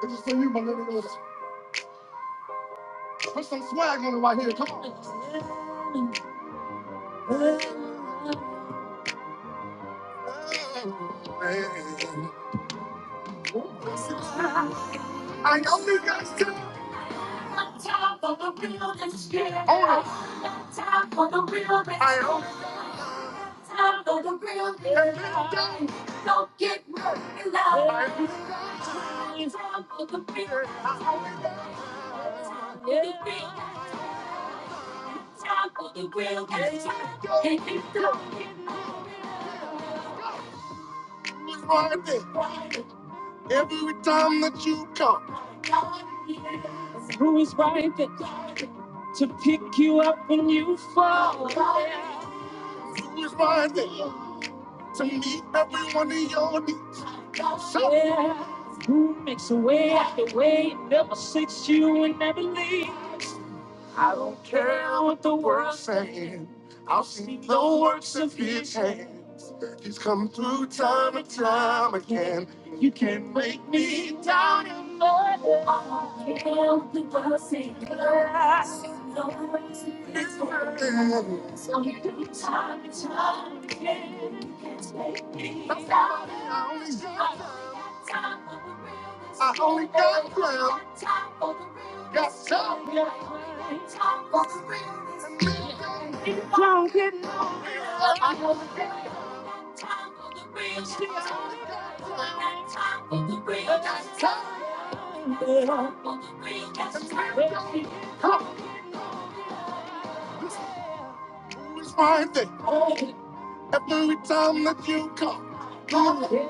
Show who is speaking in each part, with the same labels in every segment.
Speaker 1: This is for you, millennials. Put some swag on it right here. Come on. I know you guys too. time for the real and Oh. One time for the realness. I know. scared. Time for the realness. and Don't get hurt in love. I know. Time for the realness. real for the realness. Time for the realness. and scared. Time for the real was right there. Every time that you come, who is right there to pick you up when you fall? Who is right there to meet every one of your needs? So, yeah. Who makes a way after way, never sits you and never leaves? I don't care what the world's saying. I'll see the works of his hands. He's come through time and time again. You can not make me doubt him. I don't care what the world's saying. I'll see the works of his hands. He's come through time and time again. You can not make me doubt him. I only got ground. Got some. I only got time for Wine thing. Every time that you come, come.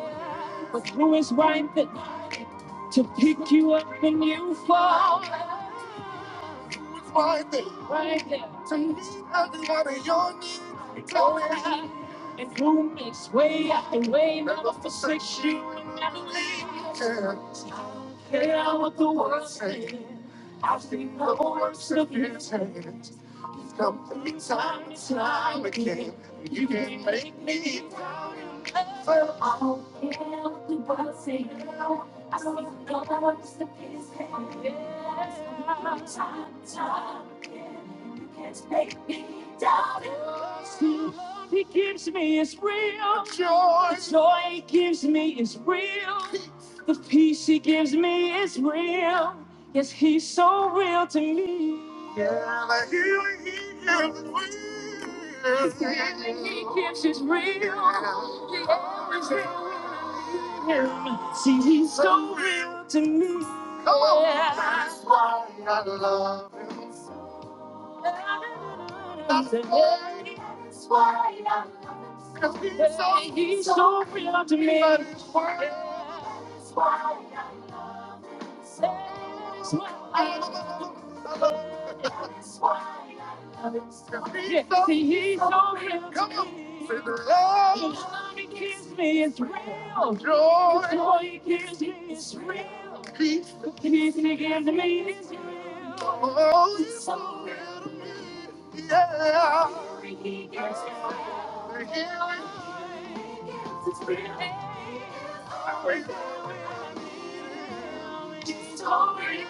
Speaker 1: Through his wine thing to pick you up when you fall. It's right there. Right there. To meet every one of your needs. It's all I have. And who makes way after way, never forsakes you and leaves you. there. Yeah, what the world says. I've seen the works of his hands. He's come to me time and time again. You can make me he gives me is real. Joy. The joy he gives me is real. The peace he gives me is real. Yes, he's so real to me. Girl, the healing he gives is real. The healing he gives is real. He always will heal. See, he's so real to me. Oh, yeah. that's why I love him. so. That's why I love him. so. 'Cause He's so, Hey, he's so real to me. That's why I love him. so. That's why I love him. so. Yeah, see, he so real. Come to on. me. Say the love. The love he gives me is real. Joy. The joy he gives me is real. Peace. The peace he gives me is real. Oh, he's so real to me. Yeah. The healing he gives me is real. The healing. is real. It's all in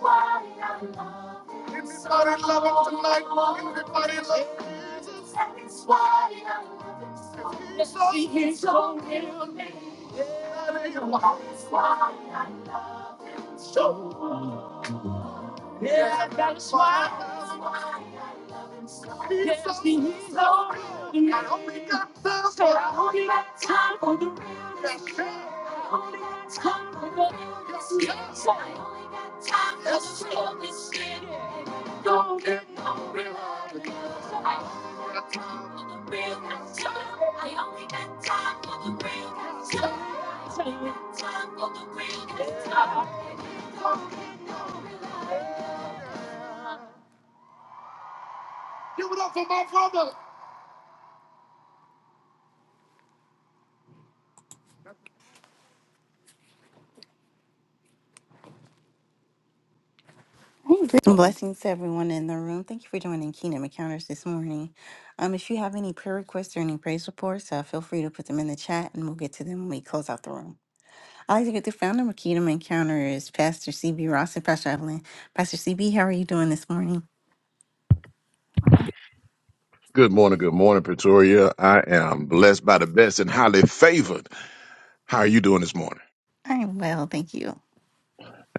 Speaker 1: why I love you. Everybody love him tonight. Everybody love him. It's why I love him so. He's so real. It's all in me. Yeah, it's why I love him so. Yeah, that's why. Yes, he's so real. I only got time for I only got time for the real. Yes, I only got time for the real sir. Yes, I only got time for the real. This shit don't get no real. I only got time for the real. Yes, I only got time for the real. Yes, I only got time for the real. Yes, Give it up for my brother. Blessings to everyone in the room. Thank you for joining Kingdom Encounters this morning. Um, if you have any prayer requests or any praise reports, uh, feel free to put them in the chat and we'll get to them when we close out the room. I'd like to get the founder of Kingdom Encounters, Pastor CB Ross and Pastor Evelyn. Pastor CB, how are you doing this morning?
Speaker 2: Good morning, good morning, Pretoria. I am blessed by the best and highly favored. How are you doing this morning?
Speaker 1: I'm well, thank you.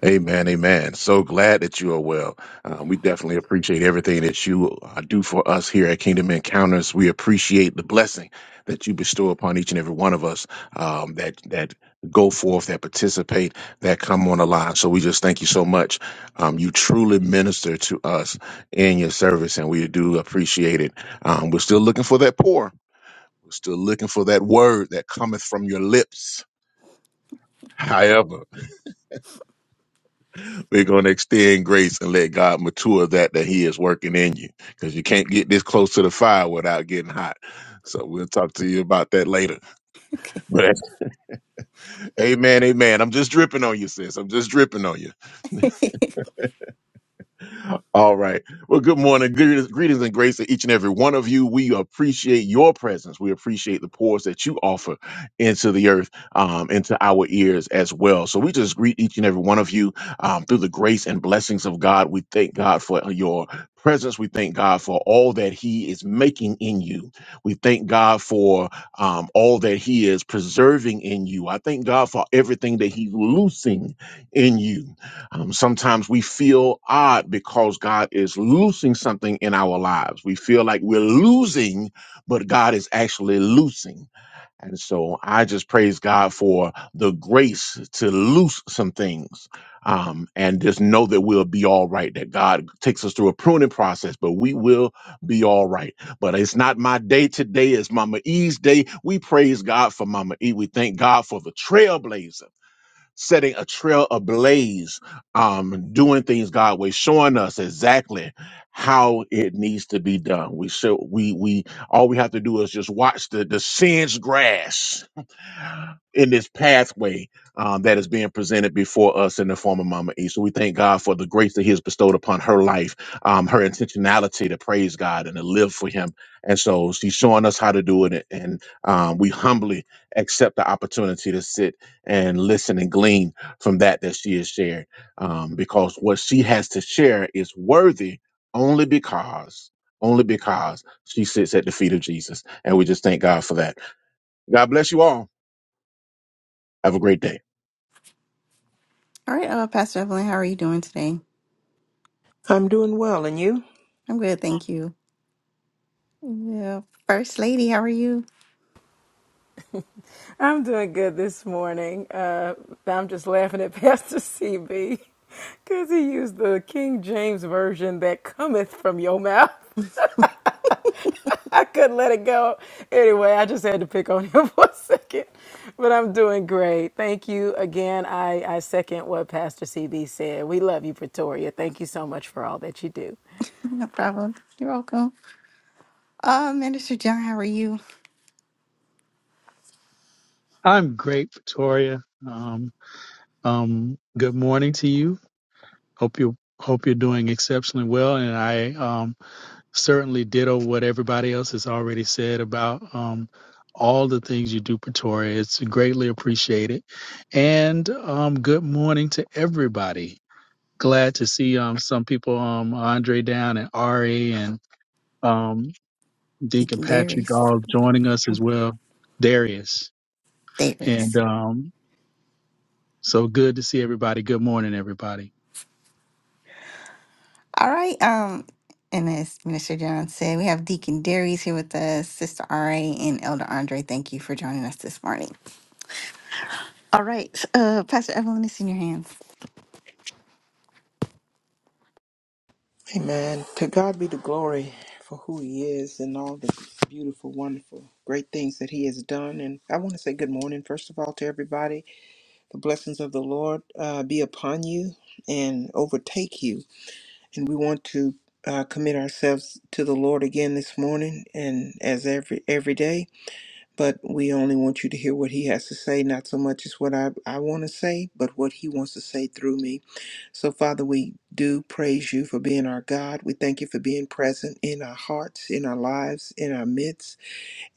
Speaker 2: Amen, amen. So glad that you are well. Uh, we definitely appreciate everything that you uh, do for us here at Kingdom Encounters. We appreciate the blessing that you bestow upon each and every one of us um, that that go forth, that participate, that come on the line. So we just thank you so much. Um, you truly minister to us in your service, and we do appreciate it. Um, we're still looking for that pour. We're still looking for that word that cometh from your lips. However, we're going to extend grace and let God mature that that He is working in you because you can't get this close to the fire without getting hot. So we'll talk to you about that later.
Speaker 1: Okay.
Speaker 2: But amen, amen. I'm just dripping on you, sis. I'm just dripping on you. All right. Well, good morning. Greetings, greetings and grace to each and every one of you. We appreciate your presence. We appreciate the pours that you offer into the earth, um, into our ears as well. So we just greet each and every one of you um, through the grace and blessings of God. We thank God for your presence. We thank God for all that He is making in you. We thank God for um, all that He is preserving in you. I thank God for everything that He's loosing in you. Um, sometimes we feel odd because God is loosing something in our lives. We feel like we're losing, but God is actually loosing. And so I just praise God for the grace to loose some things um, and just know that we'll be all right, that God takes us through a pruning process, but we will be all right. But it's not my day today, it's Mama E's day. We praise God for Mama E. We thank God for the trailblazer setting a trail ablaze, um, doing things God way, showing us exactly how it needs to be done. We should we we all we have to do is just watch the the sins grass in this pathway um, that is being presented before us in the form of Mama E. So we thank God for the grace that He has bestowed upon her life, um, her intentionality to praise God and to live for Him. And so she's showing us how to do it, and um, we humbly accept the opportunity to sit and listen and glean from that that she has shared, um, because what she has to share is worthy only because. Only because she sits at the feet of Jesus. And we just thank God for that. God bless you all. Have a great day.
Speaker 1: All right, uh, Pastor Evelyn, how are you doing today?
Speaker 3: I'm doing well, and you?
Speaker 1: I'm good, thank you. Yeah. First Lady, how are you?
Speaker 4: I'm doing good this morning. Uh, I'm just laughing at Pastor CB because he used the King James version that cometh from your mouth. I couldn't let it go. Anyway, I just had to pick on him for a second, but I'm doing great. Thank you again. I, I second what Pastor CB said. We love you, Pretoria. Thank you so much for all that you do.
Speaker 1: No problem. You're welcome. Uh, Minister John, how are you?
Speaker 5: I'm great, Victoria. Um, um, good morning to you. Hope you hope you're doing exceptionally well, and I um, certainly ditto what everybody else has already said about um, all the things you do, Pretoria. It's greatly appreciated. And um, good morning to everybody. Glad to see um, some people, um, Andre down and Ari and um, Deacon
Speaker 1: Deacon
Speaker 5: Patrick,
Speaker 1: Darius.
Speaker 5: all joining us as well. Darius and
Speaker 1: Darius.
Speaker 5: um, So good to see everybody. Good morning, everybody.
Speaker 1: All right. Um, and as Minister John said, we have Deacon Darius here with us, Sister RA, and Elder Andre. Thank you for joining us this morning. All right. Uh, Pastor Evelyn, it's in your hands.
Speaker 3: Amen. To God be the glory for who He is and all the beautiful, wonderful, great things that He has done. And I want to say good morning, first of all, to everybody. The blessings of the Lord uh, be upon you and overtake you. And we want to uh, commit ourselves to the Lord again this morning and as every every day. but we only want you to hear what he has to say, not so much as what I, I want to say, but what he wants to say through me. So, Father, we do praise you for being our God. We thank you for being present in our hearts, in our lives, in our midst.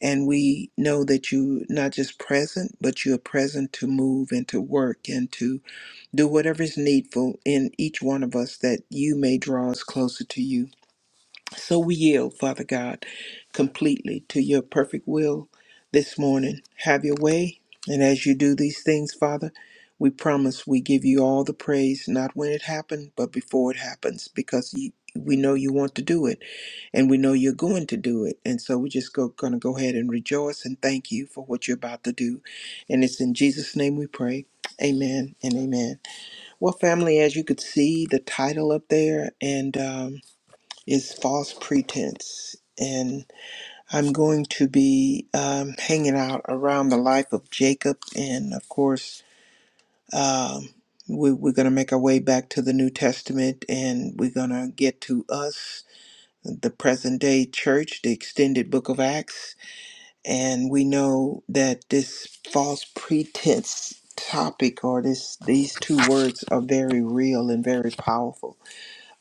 Speaker 3: And we know that you not just present, but you are present to move and to work and to do whatever is needful in each one of us that you may draw us closer to you. So we yield, Father God, completely to your perfect will this morning. Have your way. And as you do these things, Father, we promise we give you all the praise, not when it happened, but before it happens, because you, we know you want to do it and we know you're going to do it. And so we're just go, going to go ahead and rejoice and thank you for what you're about to do. And it's in Jesus' name we pray. Amen and amen. Well, family, as you could see, the title up there and. Um, is false pretense. And I'm going to be um, hanging out around the life of Jacob. And of course, um, we, we're going to make our way back to the New Testament and we're going to get to us, the present day church, the extended book of Acts. And we know that this false pretense topic or this these two words are very real and very powerful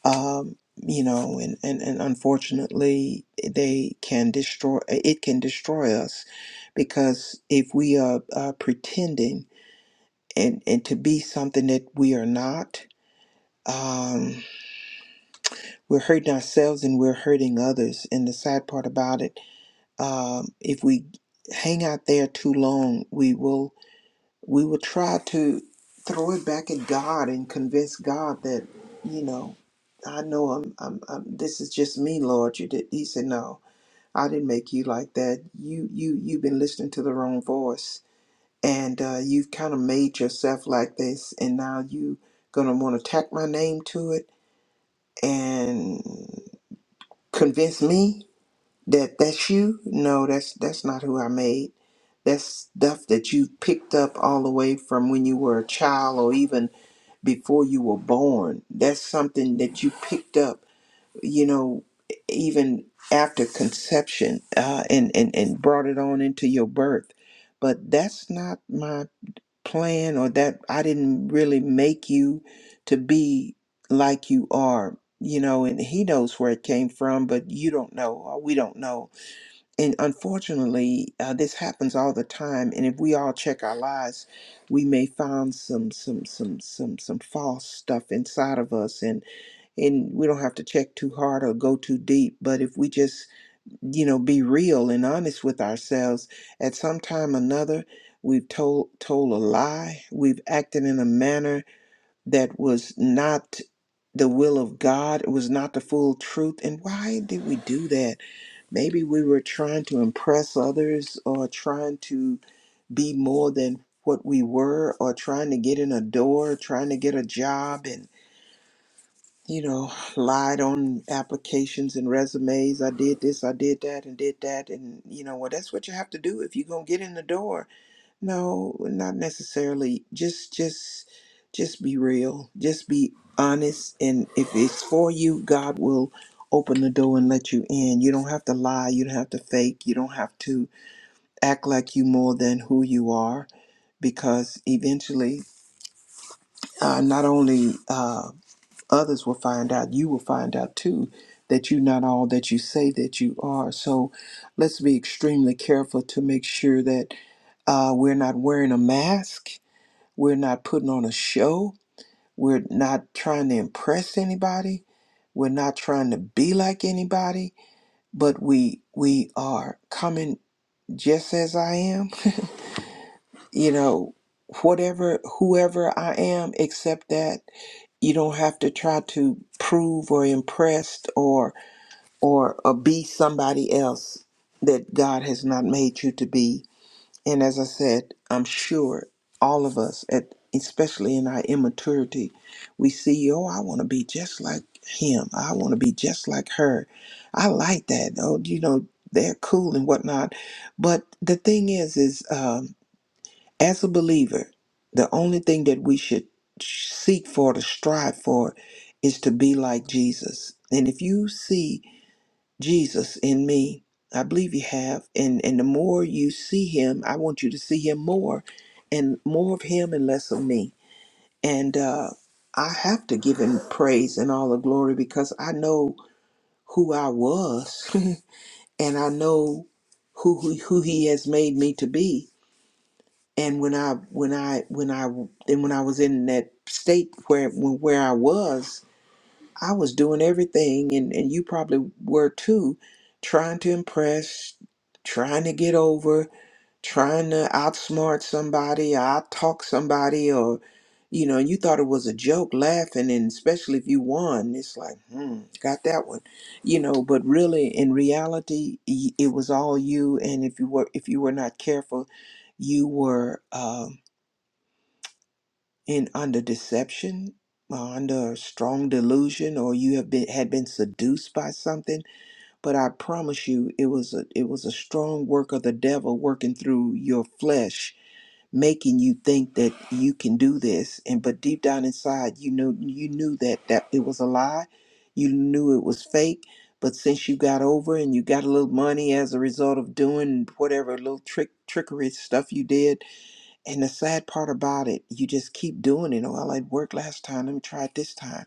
Speaker 3: um, you know, and, and, and unfortunately, they can destroy, it can destroy us because if we are uh, pretending and, and to be something that we are not, um, we're hurting ourselves and we're hurting others. And the sad part about it, um, if we hang out there too long, we will we would try to throw it back at God and convince God that, you know, I know I'm, I'm, I'm this is just me, Lord. You did. He said, no, I didn't make you like that. You, you, you've been listening to the wrong voice and uh, you've kind of made yourself like this. And now you going to want to tack my name to it and convince me that that's you. No, that's, that's not who I made. That's stuff that you picked up all the way from when you were a child or even before you were born. That's something that you picked up, you know, even after conception uh, and, and, and brought it on into your birth. But that's not my plan, or that I didn't really make you to be like you are, you know, and He knows where it came from, but you don't know, or we don't know and unfortunately, uh, this happens all the time. And if we all check our lives, we may find some some some some some false stuff inside of us, and and we don't have to check too hard or go too deep. But if we just you know be real and honest with ourselves, at some time or another, we've told told a lie. We've acted in a manner that was not the will of God. It was not the full truth. And why did we do that? Maybe we were trying to impress others or trying to be more than what we were or trying to get in a door, trying to get a job and, you know, lied on applications and resumes. I did this, I did that, and did that. And, you know, well, that's what you have to do if you're going to get in the door no, not necessarily. Just just just be real. Just be honest and if it's for you, God will open the door and let you in. You don't have to lie, you don't have to fake, you don't have to act like you more than who you are because eventually uh, not only uh, others will find out, you will find out too that you're not all that you say that you are. So let's be extremely careful to make sure that uh, we're not wearing a mask we're not putting on a show. We're not trying to impress anybody. We're not trying to be like anybody, but we we are coming just as I am. you know, whatever whoever I am except that you don't have to try to prove or impress or or, or be somebody else that God has not made you to be And as I said, I'm sure all of us, at, especially in our immaturity, we see, oh, I want to be just like him. I want to be just like her. I like that. Oh, you know, they're cool and whatnot. But the thing is, is um, as a believer, the only thing that we should seek for, to strive for, is to be like Jesus. And if you see Jesus in me. I believe you have. And and the more you see him, I want you to see him more and more of him and less of me. And uh I have to give him praise and all the glory because I know who I was and I know who, who who he has made me to be. And when I when I when I and when I was in that state where when, where I was, I was doing everything, and, and you probably were too, trying to impress, trying to get over, trying to outsmart somebody, outtalk somebody, or, you know, you thought it was a joke laughing, and especially if you won, it's like, hmm, got that one, you know. But really, in reality, y- it was all you, and if you were if you were not careful, you were. um, in under deception or under strong delusion or you have been had been seduced by something but i promise you it was a it was a strong work of the devil working through your flesh making you think that you can do this and but deep down inside you know you knew that that it was a lie you knew it was fake but since you got over and you got a little money as a result of doing whatever little trick trickery stuff you did and the sad part about it, you just keep doing it. Well, it worked last time. Let me try it this time.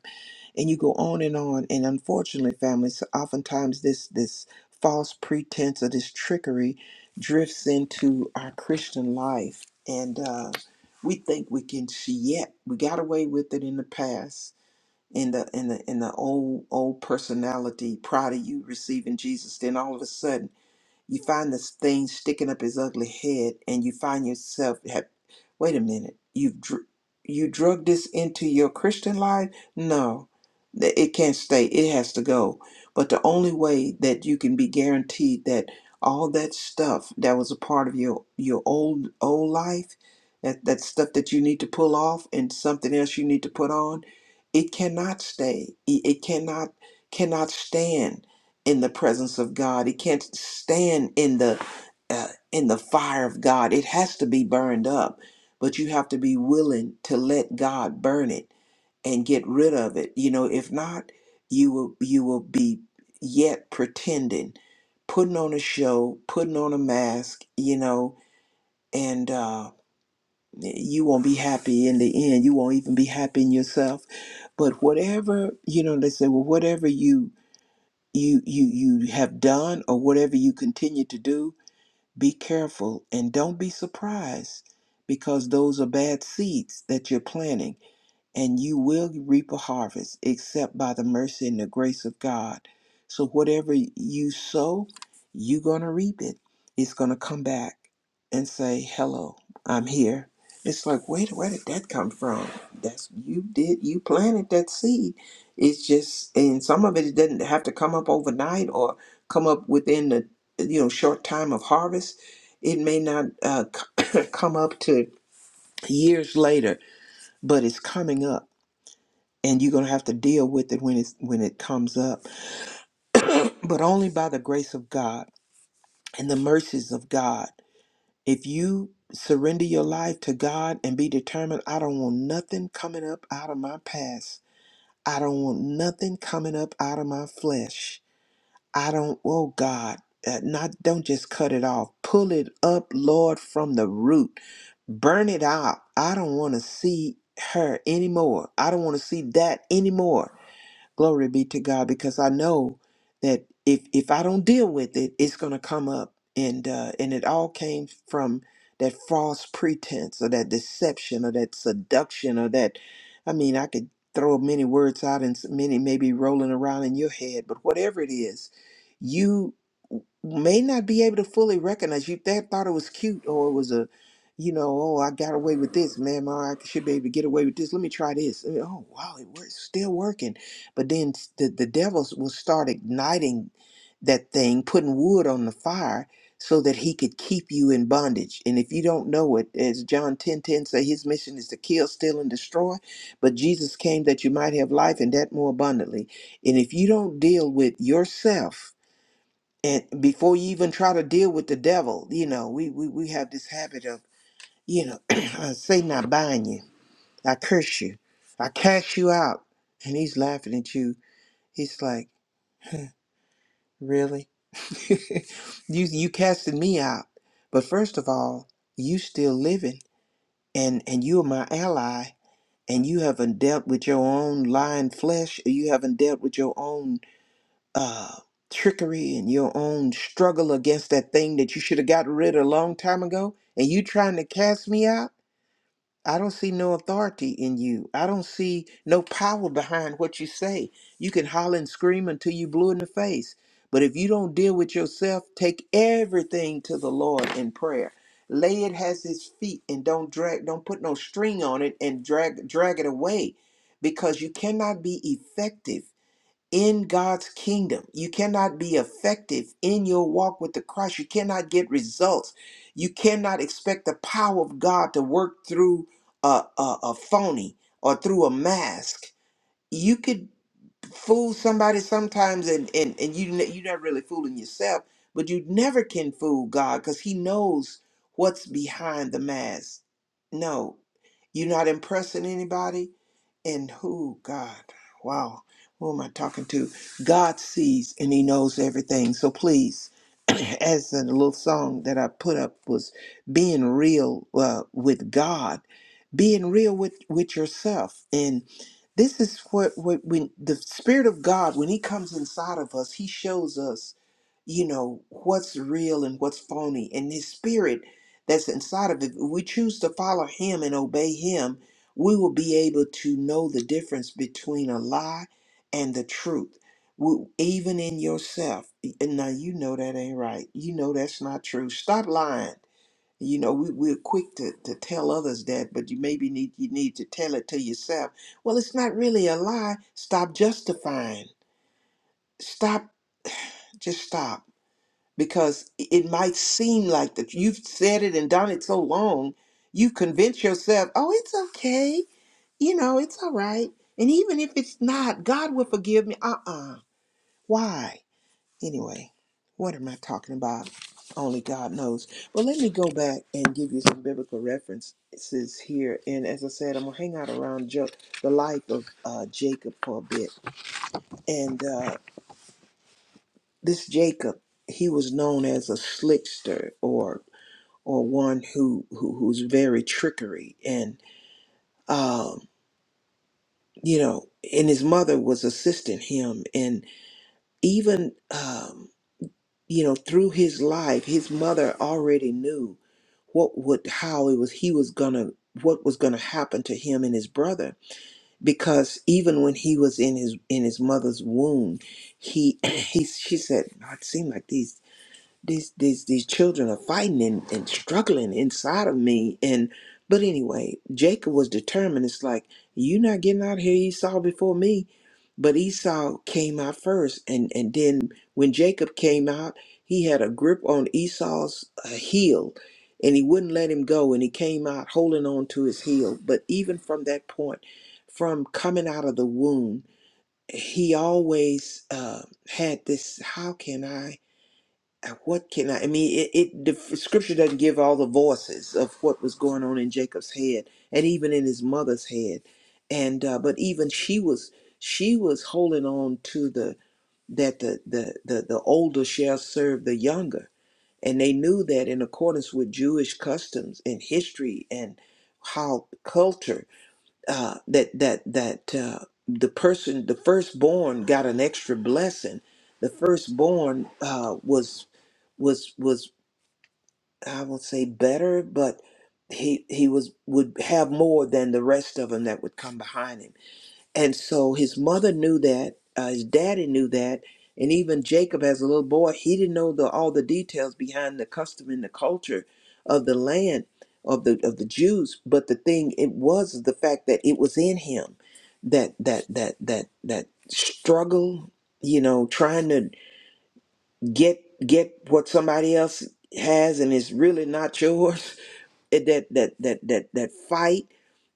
Speaker 3: And you go on and on. And unfortunately, families, oftentimes this this false pretense or this trickery drifts into our Christian life. And uh, we think we can see yet we got away with it in the past. In the in the in the old old personality, prior to you receiving Jesus, then all of a sudden you find this thing sticking up his ugly head, and you find yourself, have, wait a minute, you've dr- you drug this into your Christian life? No, Th- it can't stay. It has to go. But the only way that you can be guaranteed that all that stuff that was a part of your your old old life, that that stuff that you need to pull off, and something else you need to put on, it cannot stay. It, it cannot cannot stand in the presence of God. It can't stand in the uh, in the fire of God. It has to be burned up, but you have to be willing to let God burn it and get rid of it. You know, if not, you will you will be yet pretending, putting on a show, putting on a mask. You know, and uh, you won't be happy in the end. You won't even be happy in yourself. But whatever you know, they say, well, whatever you you you you have done or whatever you continue to do be careful and don't be surprised because those are bad seeds that you're planting and you will reap a harvest except by the mercy and the grace of God. So whatever you sow, you're going to reap it. It's going to come back and say, "Hello, I'm here." It's like, "Wait, where did that come from?" That's you did you planted that seed. It's just and some of it it doesn't have to come up overnight or come up within the you know short time of harvest. It may not uh, come up to years later, but it's coming up and you're going to have to deal with it when it's when it comes up but only by the grace of god and the mercies of god if you surrender your life to god and be determined i don't want nothing coming up out of my past i don't want nothing coming up out of my flesh i don't oh god uh, not don't just cut it off pull it up lord from the root burn it out i don't want to see her anymore i don't want to see that anymore Glory be to God because I know that if if I don't deal with it, it's going to come up, and uh, and it all came from that false pretense or that deception or that seduction or that. I mean, I could throw many words out and s- many may be rolling around in your head, but whatever it is, you may not be able to fully recognize you that thought it was cute or it was a you know oh i got away with this man i should be able to get away with this let me try this And, oh wow it works still working but then the, the devils will start igniting that thing, putting wood on the fire so that he could keep you in bondage. And if you don't know it, as John 10 10 say, his mission is to kill, steal, and destroy. But Jesus came that you might have life and that more abundantly. And if you don't deal with yourself and before you even try to deal with the devil, you know, we we, we have this habit of, you know, uh, Satan, I bind you, I curse you, I cast you out. And he's laughing at you. He's like, Really? you you casted me out. But first of all, you still living and and you are my ally and you haven't dealt with your own lying flesh or you haven't dealt with your own uh trickery and your own struggle against that thing that you should have got rid of a long time ago and you trying to cast me out? I don't see no authority in you. I don't see no power behind what you say. You can holler and scream until you blue in the face. But if you don't deal with yourself, take everything to the Lord in prayer. Lay it at his feet and don't drag, don't put no string on it and drag drag it away. Because you cannot be effective in God's kingdom. You cannot be effective in your walk with the Christ. You cannot get results. You cannot expect the power of God to work through a, a, a phony or through a mask. You could fool somebody sometimes, and, and, and you, ne- you're not really fooling yourself, but you never can fool God because He knows what's behind the mask. No, you're not impressing anybody and who, God, wow, who am I talking to? God sees and He knows everything. So please, as the little song that I put up was being real uh, with God, being real with, with yourself. And this is what, what when the Spirit of God, when He comes inside of us, He shows us you know, what's real and what's phony. And his spirit that's inside of it, if we choose to follow him and obey him, we will be able to know the difference between a lie and the truth. We, even in yourself. And now you know that ain't right. You know that's not true. Stop lying. You know, we, we're quick to, to tell others that, but you maybe need you need to tell it to yourself. Well, it's not really a lie. Stop justifying. Stop just stop because it might seem like that you've said it and done it so long, you convince yourself, oh, it's okay. You know, it's all right. And even if it's not, God will forgive me. Uh uh Why? Anyway, what am I talking about? Only God knows. But let me go back and give you some biblical references here. And as I said, I'm going to hang out around jo- the life of uh, Jacob for a bit. And uh, this Jacob, he was known as a slickster or or one who, who who's very trickery and um you know and his mother was assisting him and even um you know through his life his mother already knew what would how it was he was gonna what was gonna happen to him and his brother because even when he was in his in his mother's womb he he she said "No, it seemed like these these these these children are fighting and, and struggling inside of me and but anyway jacob was determined it's like you are not getting out of here esau before me but esau came out first and and then when jacob came out he had a grip on esau's uh, heel and he wouldn't let him go and he came out holding on to his heel but even from that point from coming out of the womb he always uh, had this how can i what can I? I mean, it, it the scripture doesn't give all the voices of what was going on in Jacob's head, and even in his mother's head, and uh, but even she was she was holding on to the that the the the, the older shall serve the younger, and they knew that in accordance with Jewish customs and history and how culture uh, that that that uh, the person the firstborn got an extra blessing the firstborn uh, was was was I won't say better, but he he was would have more than the rest of them that would come behind him. And so his mother knew that, uh, his daddy knew that, and even Jacob as a little boy, he didn't know the all the details behind the custom and the culture of the land of the of the Jews. But the thing it was the fact that it was in him that that that that that struggle, you know, trying to get get what somebody else has and it's really not yours It- that that that that that fight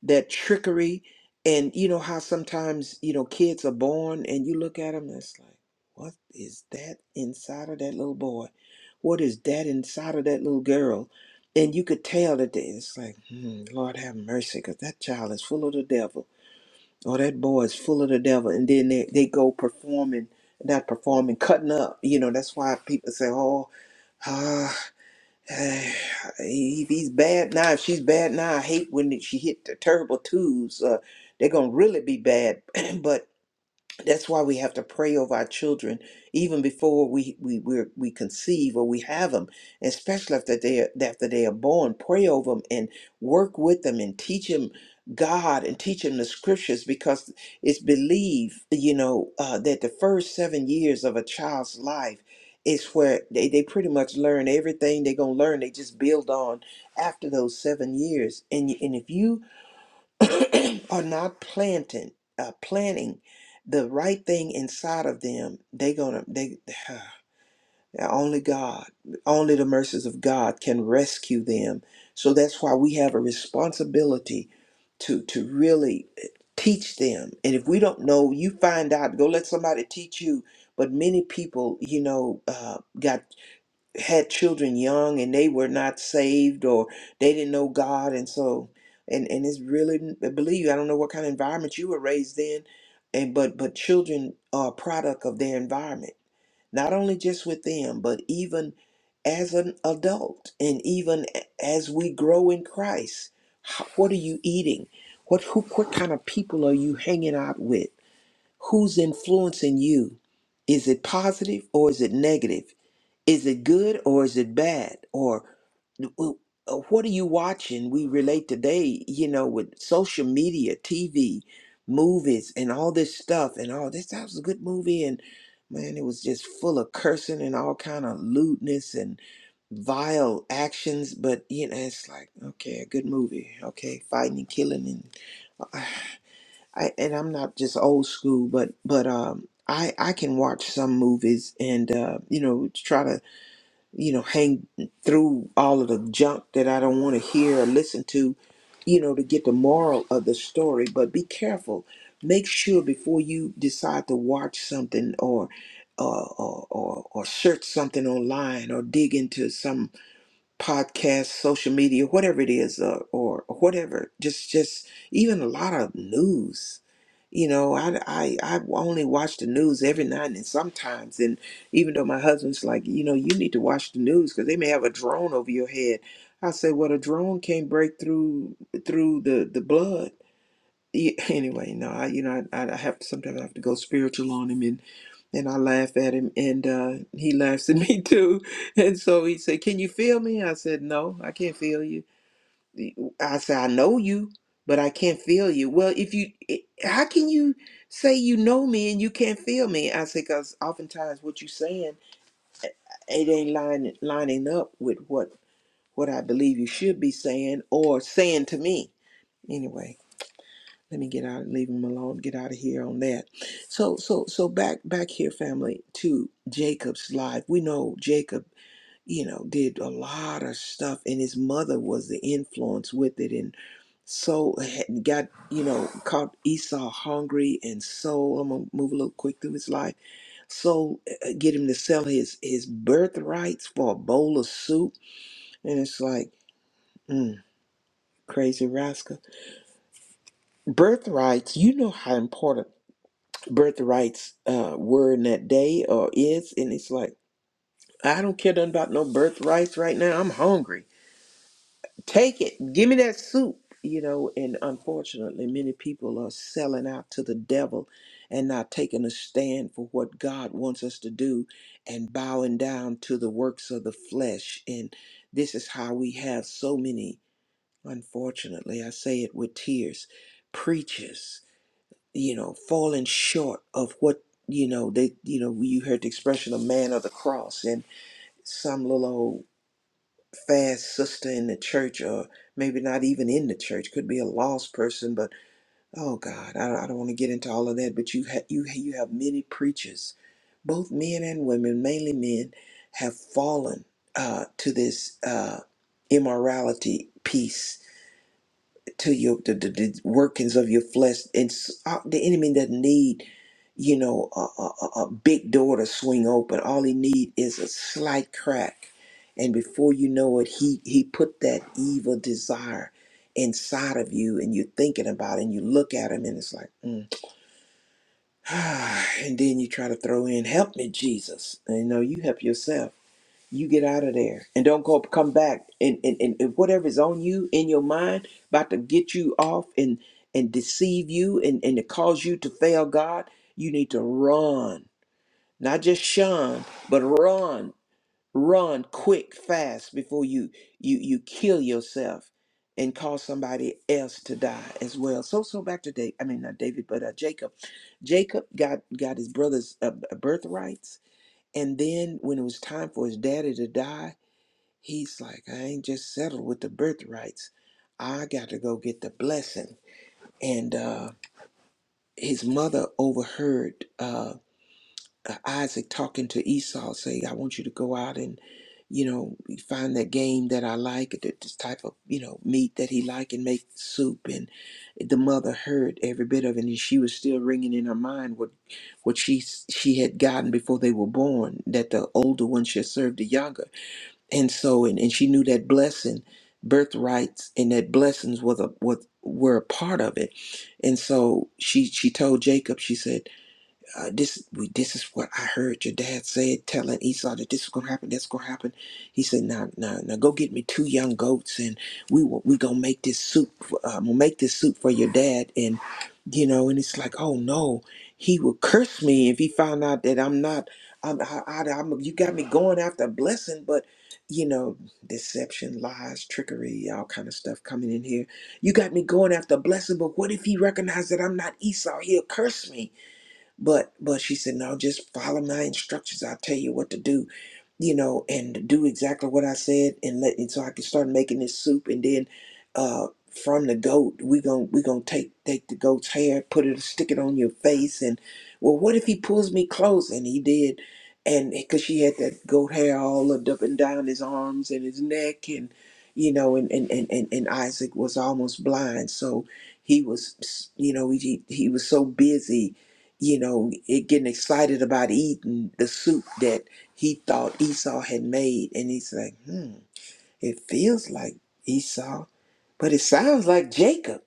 Speaker 3: that trickery and you know how sometimes you know kids are born and you look at them and it's like what is that inside of that little boy what is that inside of that little girl and you could tell that they, it's like hmm, lord have mercy because that child is full of the devil Oh, that boy is full of the devil. And then they, they go performing, not performing, cutting up. You know, that's why people say, oh, ah, eh, he, he's bad now. If she's bad now, I hate when she hit the terrible twos. Uh, they're going to really be bad. but that's why we have to pray over our children even before we we we're, we conceive or we have them, especially after they are, after they are born. Pray over them and work with them and teach them God and teach them the scriptures because it's believed you know uh, that the first seven years of a child's life is where they, they pretty much learn everything they're gonna learn. They just build on after those seven years, and and if you are not planting, uh, planting the right thing inside of them, they gonna they only God, only the mercies of God can rescue them. So that's why we have a responsibility to to really eh, teach them. And if we don't know, you find out. Go let somebody teach you. But many people, you know, uh, got had children young and they were not saved or they didn't know God and so and and it's really I believe I don't know what kind of environment you were raised in and but but children are a product of their environment not only just with them but even as an adult and even a- as we grow in Christ how- what are you eating what who what kind of people are you hanging out with who's influencing you is it positive or is it negative is it good or is it bad? Or w- uh, what are you watching? We relate today, you know, with social media, TV, movies, and all this stuff, and all this. That was a good movie, and man, it was just full of cursing and all kind of lewdness and vile actions. But you know, it's like okay, a good movie, okay, fighting and killing, and I and I'm not just old school, but but um, I I can watch some movies and uh, you know try to you know, hang through all of the junk that I don't want to hear or listen to, you know, to get the moral of the story. But be careful. Make sure before you decide to watch something or or or, or, or search something online or dig into some podcast, social media, whatever it is, uh, or or whatever. Just, just even a lot of news. You know, I, I, I only watch the news every now and then sometimes. And even though my husband's like, you know, you need to watch the news because they may have a drone over your head. I say, well, a drone can't break through through the the blood yeah, anyway, no, I you know I, I have to, sometimes I have to go spiritual on him and and I laugh at him and uh, he laughs at me too. And so he said, "Can you feel me?" I said, "No, I can't feel you." He- I said, "I know you, but I can't feel you." Well, if you, i- how can you say you know me and you can't feel me? I said, "Cause oftentimes what you are saying it ain't lining lining up with what what I believe you should be saying or saying to me." Anyway, let me get out leave him alone get out of here on that so so so back back here family to jacob's life we know jacob you know did a lot of stuff and his mother was the influence with it and so had- got you know caught esau hungry and so i'm gonna move a little quick through his life so uh, get him to sell his his birthrights for a bowl of soup and it's like mm, crazy rascal birthrights you know how important birthrights uh, were in that day or is, and it's like I don't care nothing about no birthrights right now. I'm hungry. Take it. Give me that soup. You know, and unfortunately, many people are selling out to the devil and not taking a stand for what God wants us to do and bowing down to the works of the flesh. And this is how we have so many, unfortunately, I say it with tears, preachers you know, falling short of what, you know, they, you know, you heard the expression of man of the cross and some little old fast sister in the church or maybe not even in the church could be a lost person. But, oh God, I, I don't want to get into all of that. But you, ha- you, you have many preachers, both men and women, mainly men have fallen uh, to this uh, immorality piece to your the, the, the workings of your flesh and s- uh, the enemy doesn't need you know a, a, a a big door to swing open all he need is a slight crack and before you know it he he put that evil desire inside of you and you're thinking about it and you look at him and it's like mm. and then you try to throw in help me jesus and you know you help yourself you get out of there and don't go come back and, and, and and whatever's on you in your mind about to get you off and and deceive you and, and to cause you to fail god you need to run not just shun but run run quick fast before you you you kill yourself and cause somebody else to die as well so so back to david i mean not david but uh, jacob jacob got got his brother's uh, uh, birthrights and then when it was time for his daddy to die He's like, I ain't just settled with the birthrights. I got to go get the blessing. And uh, his mother overheard uh, uh, Isaac talking to Esau, saying, I want you to go out and, you know, find that game that I like, th- this type of, you know, meat that he like and make soup. And the mother heard every bit of it. And she was still ringing in her mind what, what she, she had gotten before they were born, that the older one should serve the younger and so and, and she knew that blessing birthrights and that blessings was a was were a part of it and so she she told jacob she said uh, this we, this is what I heard your dad say, telling Esau that this is gonna happen, that's gonna happen. He said, "Now, now, now, go get me two young goats, and we will- we gonna make this soup. for- Uh, we'll make this soup for your dad." And you know, and it's like, oh no, he will curse me if he found out that I'm not. I'm, I, I, I'm you got me going after a blessing, but you know, deception, lies, trickery, all kind of stuff coming in here. You got me going after a blessing, but what if he recognized that I'm not Esau? He'll curse me but but she said, No, just follow my instructions. I'll tell you what to do, you know, and do exactly what I said and let and so I can start making this soup and then uh from the goat, we gon' we gonna take take the goat's hair, put it, stick it on your face, and well, what if he pulls me close? And he did, and because she had that goat hair all looked up and down his arms and his neck, and you know, and and and and, and Isaac was almost blind, so he was, you know, he he was so busy, you know, it getting excited about eating the soup that he thought Esau had made. And he's like, hmm, it feels like Esau, but it sounds like Jacob.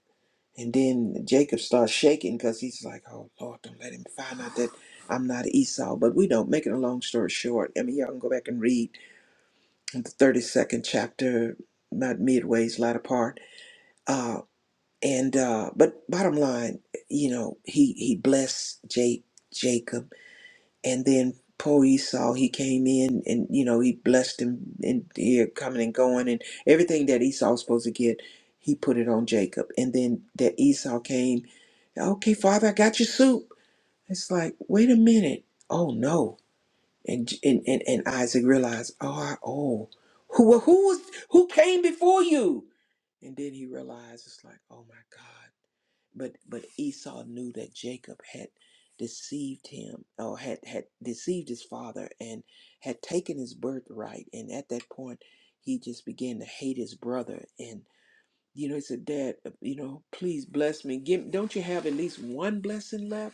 Speaker 3: And then Jacob starts shaking because he's like, oh, Lord, don't let him find out that I'm not Esau. But we don't, making a long story short, I mean, y'all can go back and read the 32nd chapter, not midway's latter part. Uh, and, uh, but bottom line, you know, he, he blessed Jake, Jacob and then poor Esau, he came in and you know he blessed him and here coming and going and everything that Esau was supposed to get, he put it on Jacob. And then that Esau came, okay, Father, I got your soup. It's like, wait a minute, oh no, and J- and and, and Isaac realized, oh, I, oh, who well, who was who came before you? And then he realized, it's like, oh my God but but Esau knew that Jacob had deceived him or had had deceived his father and had taken his birthright and at that point he just began to hate his brother and you know he said dad uh, you know please bless me give don't you have at least one blessing left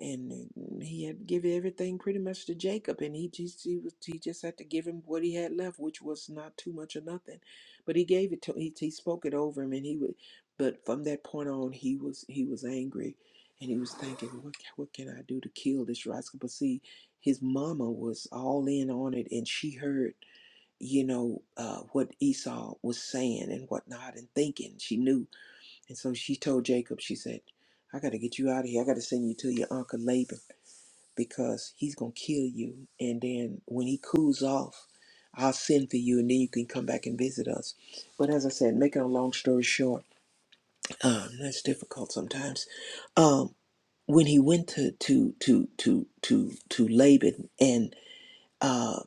Speaker 3: and mm, he had given everything pretty much to Jacob, and he just he, was, he just had to give him what he had left, which was not too much or nothing, but he gave it to he he spoke it over him, and he would, but from that point on he was he was angry, and he was thinking what ca- what can I do to kill this rascal? But see, his mama was all in on it, and she heard you know uh, what Esau was saying and whatnot and thinking. She knew, and so she told Jacob. She said, "I got to get you out of here. I got to send you to your uncle Laban." because he's going to kill you. And then when he cools off, I'll send for you and then you can come back and visit us. But as I said, making a long story short, um, that's difficult sometimes. Um, when he went to, to, to, to, to, to Laban and, uh,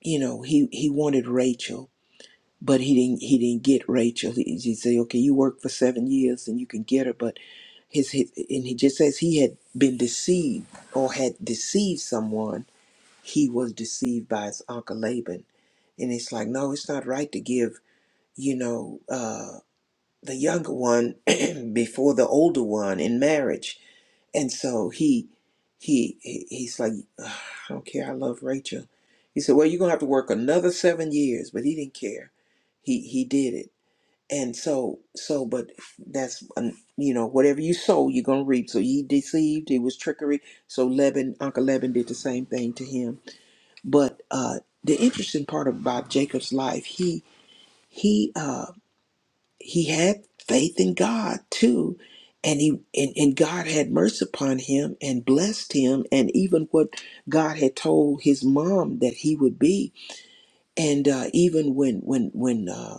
Speaker 3: you know, he, he wanted Rachel, but he didn't, he didn't get Rachel. He, he said, okay, you work for seven years and you can get her, but his, his, and he just says he had been deceived or had deceived someone he was deceived by his uncle Laban. And it's like, no, it's not right to give, you know, uh, the younger one before the older one in marriage. And so he, he, he- he's like, "Ugh, I don't care. I love Rachel. He said, well, you're gonna have to work another seven years, but he didn't care. He he did it. And so so, but that's um, you know, whatever you sow, you're gonna reap. So he deceived. It was trickery. So Laban, Uncle Laban, did the same thing to him but uh, the interesting part about Jacob's life, he he uh, he had faith in God too, and he and, and God had mercy upon him and blessed him, and even what God had told his mom that he would be, and uh, even when when when uh,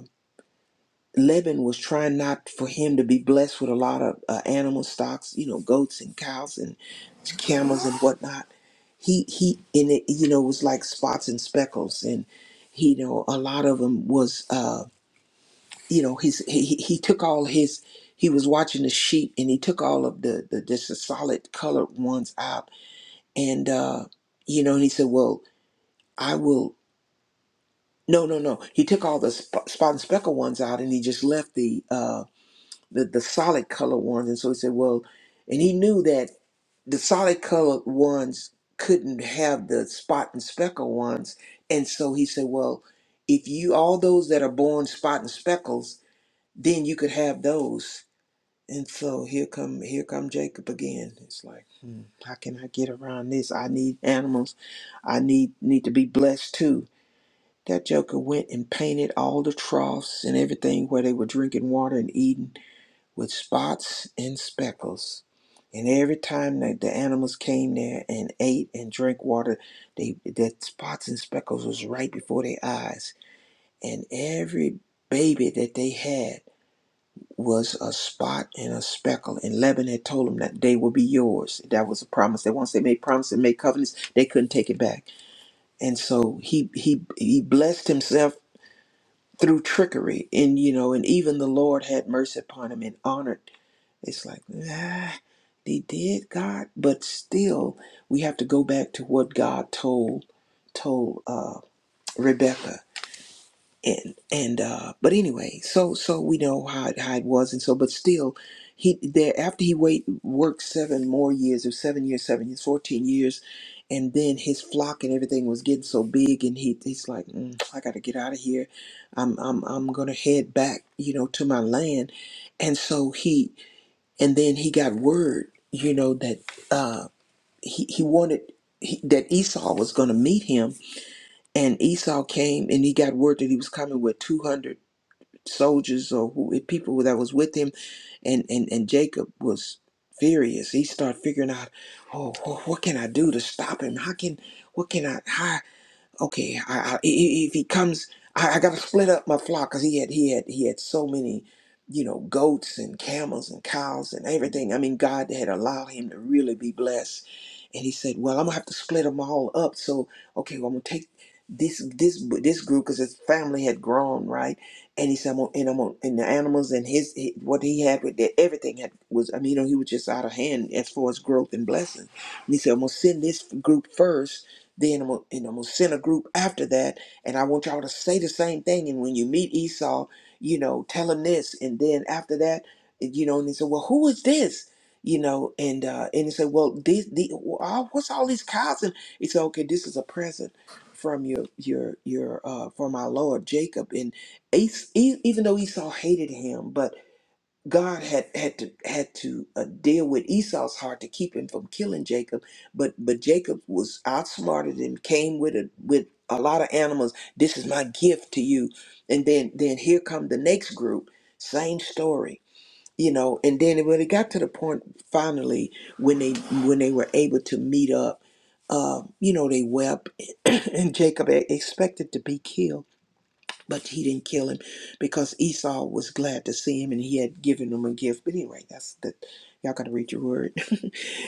Speaker 3: Laban was trying not for him to be blessed with a lot of uh, animal stocks, you know, goats and cows and camels and whatnot he he and it you know was like spots and speckles and you know a lot of them was uh you know his he, he he took all his he was watching the sheep and he took all of the the just the solid colored ones out and uh you know he said well i will no no no he took all the sp- spot and speckle ones out and he just left the uh the, the solid color ones and so he said well and he knew that the solid colored ones couldn't have the spot and speckle ones. And so he said, well, if you, all those that are born spot and speckles, then you could have those. And so here come, here come Jacob again. It's like, hmm, how can I get around this? I need animals. I need, need to be blessed too. That joker went and painted all the troughs and everything where they were drinking water and eating with spots and speckles. And every time that the animals came there and ate and drank water, they that spots and speckles was right before their eyes. And every baby that they had was a spot and a speckle. And Lebanon had told them that they will be yours. That was a promise. That once they made promises and made covenants, they couldn't take it back. And so he he he blessed himself through trickery. And you know, and even the Lord had mercy upon him and honored it's like, ah, they did God, but still we have to go back to what God told told uh, Rebecca. And and uh, but anyway, so so we know how it, how it was, and so but still, he there after he wait worked seven more years or seven years, seven years, fourteen years, and then his flock and everything was getting so big, and he he's like, mm, I got to get out of here. I'm I'm I'm gonna head back, you know, to my land, and so he and then he got word you know that uh he, he wanted he, that esau was going to meet him and esau came and he got word that he was coming with 200 soldiers or who, eh, people that was with him and and and jacob was furious he started figuring out oh wh- what can i do to stop him how can what can i how? okay, I, I, i- i- if he comes, I, I gotta split up my flock because he had he had he had so many, you know, goats and camels and cows and everything. I mean, God had allowed him to really be blessed, and he said, "Well, I'm gonna have to split them all up." So, okay, well, I'm gonna take this this this group because his family had grown right, and he said, "I'm gonna, and I'm gonna, and the animals and his, his what he had with that everything had was I mean, you know, he was just out of hand as far as growth and blessing." And he said, "I'm gonna send this group first then I'm gonna, and I'm gonna send a group after that, and I want y'all to say the same thing. And when you meet Esau, you know, tell him this, and then after that, you know, and they said, well, who is this? You know, and uh, and he said, well, these, the, what's all these cows? And he said, okay, this is a present from your your your uh, from our Lord Jacob. And Es- e even though Esau hated him, but God had had to had to uh, deal with Esau's heart to keep him from killing Jacob, but but Jacob was outsmarted and came with a with a lot of animals. This is my gift to you, and then then here come the next group, same story, you know. And then when it got to the point finally when they when they were able to meet up, uh, you know, they wept, and Jacob e, expected to be killed but he didn't kill him because Esau was glad to see him and he had given him a gift. But anyway, that's the y'all got to read your word.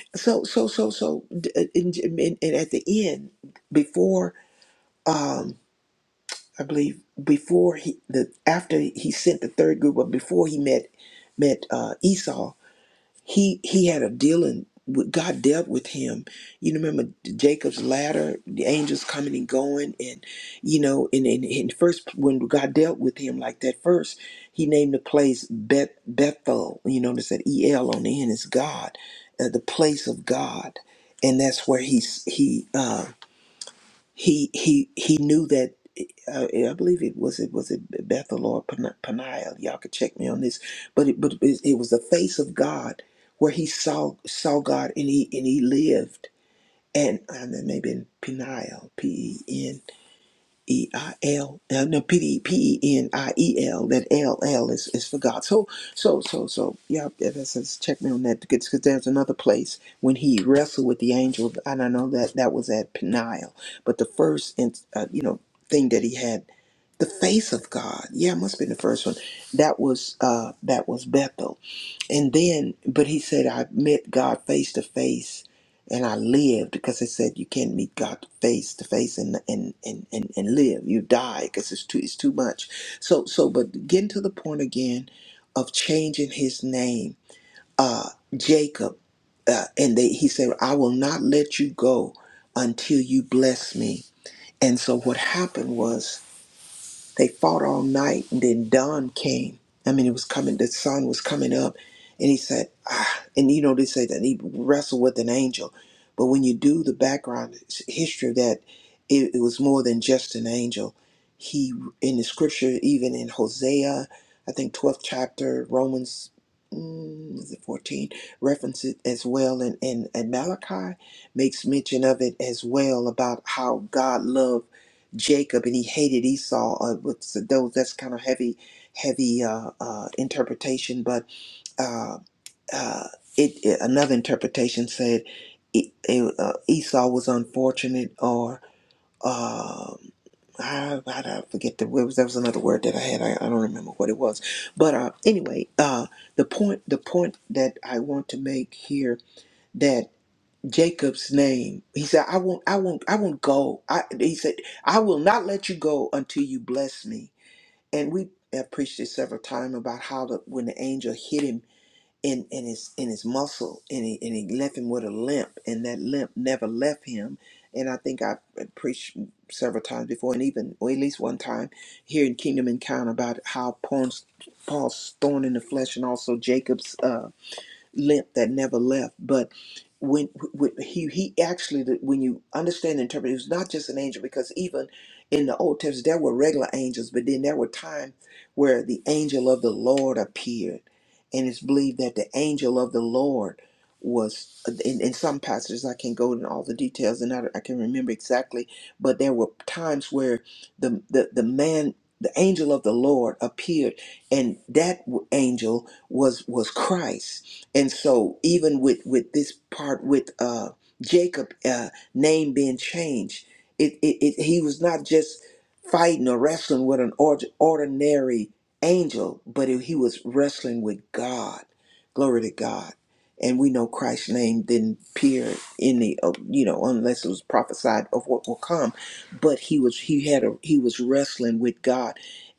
Speaker 3: so so so so d- and, and, and at the end, before um I believe before he the after he sent the third group, but before he met met uh, Esau, he he had a dealing with God dealt with him. You remember Jacob's ladder, the angels coming and going, and you know, and, and, and first when God dealt with him like that, first he named the place Beth Bethel. You notice that E L on the end is God, uh, the place of God, and that's where he's he uh, he he he knew that uh, eh, I believe it was it was it Bethel or Pan- Peniel. Y'all could check me on this, but it, but it, it was the face of God where he saw saw God and he and he lived. And and that may have been Peniel, P E N E I L, uh, no P D P E N I E L. That L L is, is for God. So so so so yeah. That that says check me on that because there's another place when he wrestled with the angel, and I know that that was at Peniel. But the first, in- uh, you know, thing that he had the face of God. Yeah, it must have been the first one. That was uh that was Bethel. And then but he said I met God face to face and I lived because they said you can't meet God face to face and and and and, and live. You die because it's too it's too much. So so but getting to the point again of changing his name, uh Jacob, uh, and they he said, I will not let you go until you bless me. And so what happened was they fought all night, and then dawn came. I mean, it was coming. The sun was coming up, and he said, ah, and you know they say that he wrestled with an angel, but when you do the background s- history of that, it, it was more than just an angel. He in the scripture, even in Hosea, I think twelfth chapter, Romans, mm, is it fourteen? Reference it as well, and and and Malachi makes mention of it as well about how God loved. Jacob and he hated Esau. Uh, with those, that's kind of heavy, heavy uh, uh, interpretation. But uh, uh, it, it- another interpretation said E- E- uh, Esau was unfortunate, or um I, I, I forget the word. was- That was another word that I had. I, I don't remember what it was. But uh, anyway, uh, the point the point that I want to make here Jacob's name. He said, I won't, I won't, I won't go. I, he said, I will not let you go until you bless me. And we have preached this several times about how the, when the angel hit him in, in his in his muscle and he, and he left him with a limp and that limp never left him. And I think I preached several times before and even or at least one time here in Kingdom Encounter about how Paul's, Paul's thorn in the flesh and also Jacob's uh, limp that never left. But when, when he he actually, when you understand and interpret, it was not just an angel because even in the Old Testament there were regular angels, but then there were times where the angel of the Lord appeared, and it's believed that the angel of the Lord was in, in some passages I can't go into all the details and I, I can remember exactly, but there were times where the the, the man the angel of the Lord appeared, and that w- angel was was Christ and so even with with this part with uh jacob uh name being changed it it, it he was not just fighting or wrestling with an ord- ordinary angel but he was wrestling with god glory to god and we know christ's name didn't appear in the uh, you know unless it was prophesied of what will come but he was he had a he was wrestling with god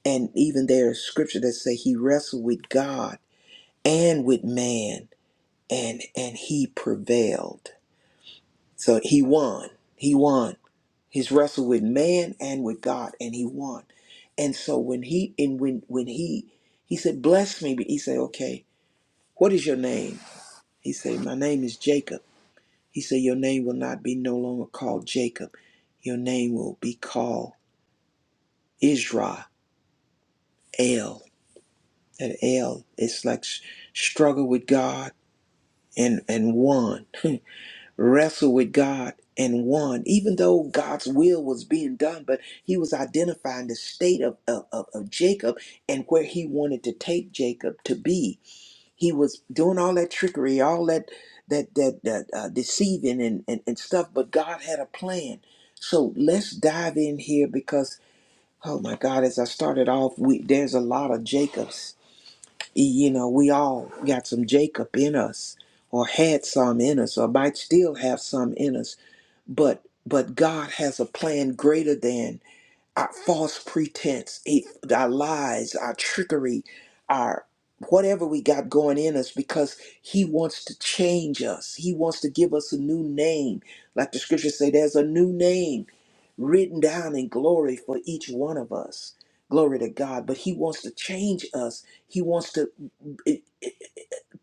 Speaker 3: and even there's scripture that say he wrestled with god and with man and and he prevailed. So he won. He won. He's wrestled with man and with God, and he won. And so when he and when when he he said, "Bless me," but he said, "Okay, what is your name?" He said, "My name is Jacob." He said, "Your name will not be no longer called Jacob. Your name will be called Israel." And El, it's like s- struggle with God and and won. wrestled with God and won, even though God's will was being done, but he was identifying the state of, of, of of Jacob and where he wanted to take Jacob to be. He was doing all that trickery, all that that that, that uh, deceiving and, and, and stuff, but God had a plan. So let's dive in here because oh my God, as I started off, we there's a lot of Jacobs. You know, we all got some Jacob in us or had some in us or might still have some in us but but God has a plan greater than our false pretense, it- our lies, our trickery, our whatever we got going in us because he wants to change us. He wants to give us a new name. Like the scriptures say there's a new name written down in glory for each one of us. Glory to God, but he wants to change us. He wants to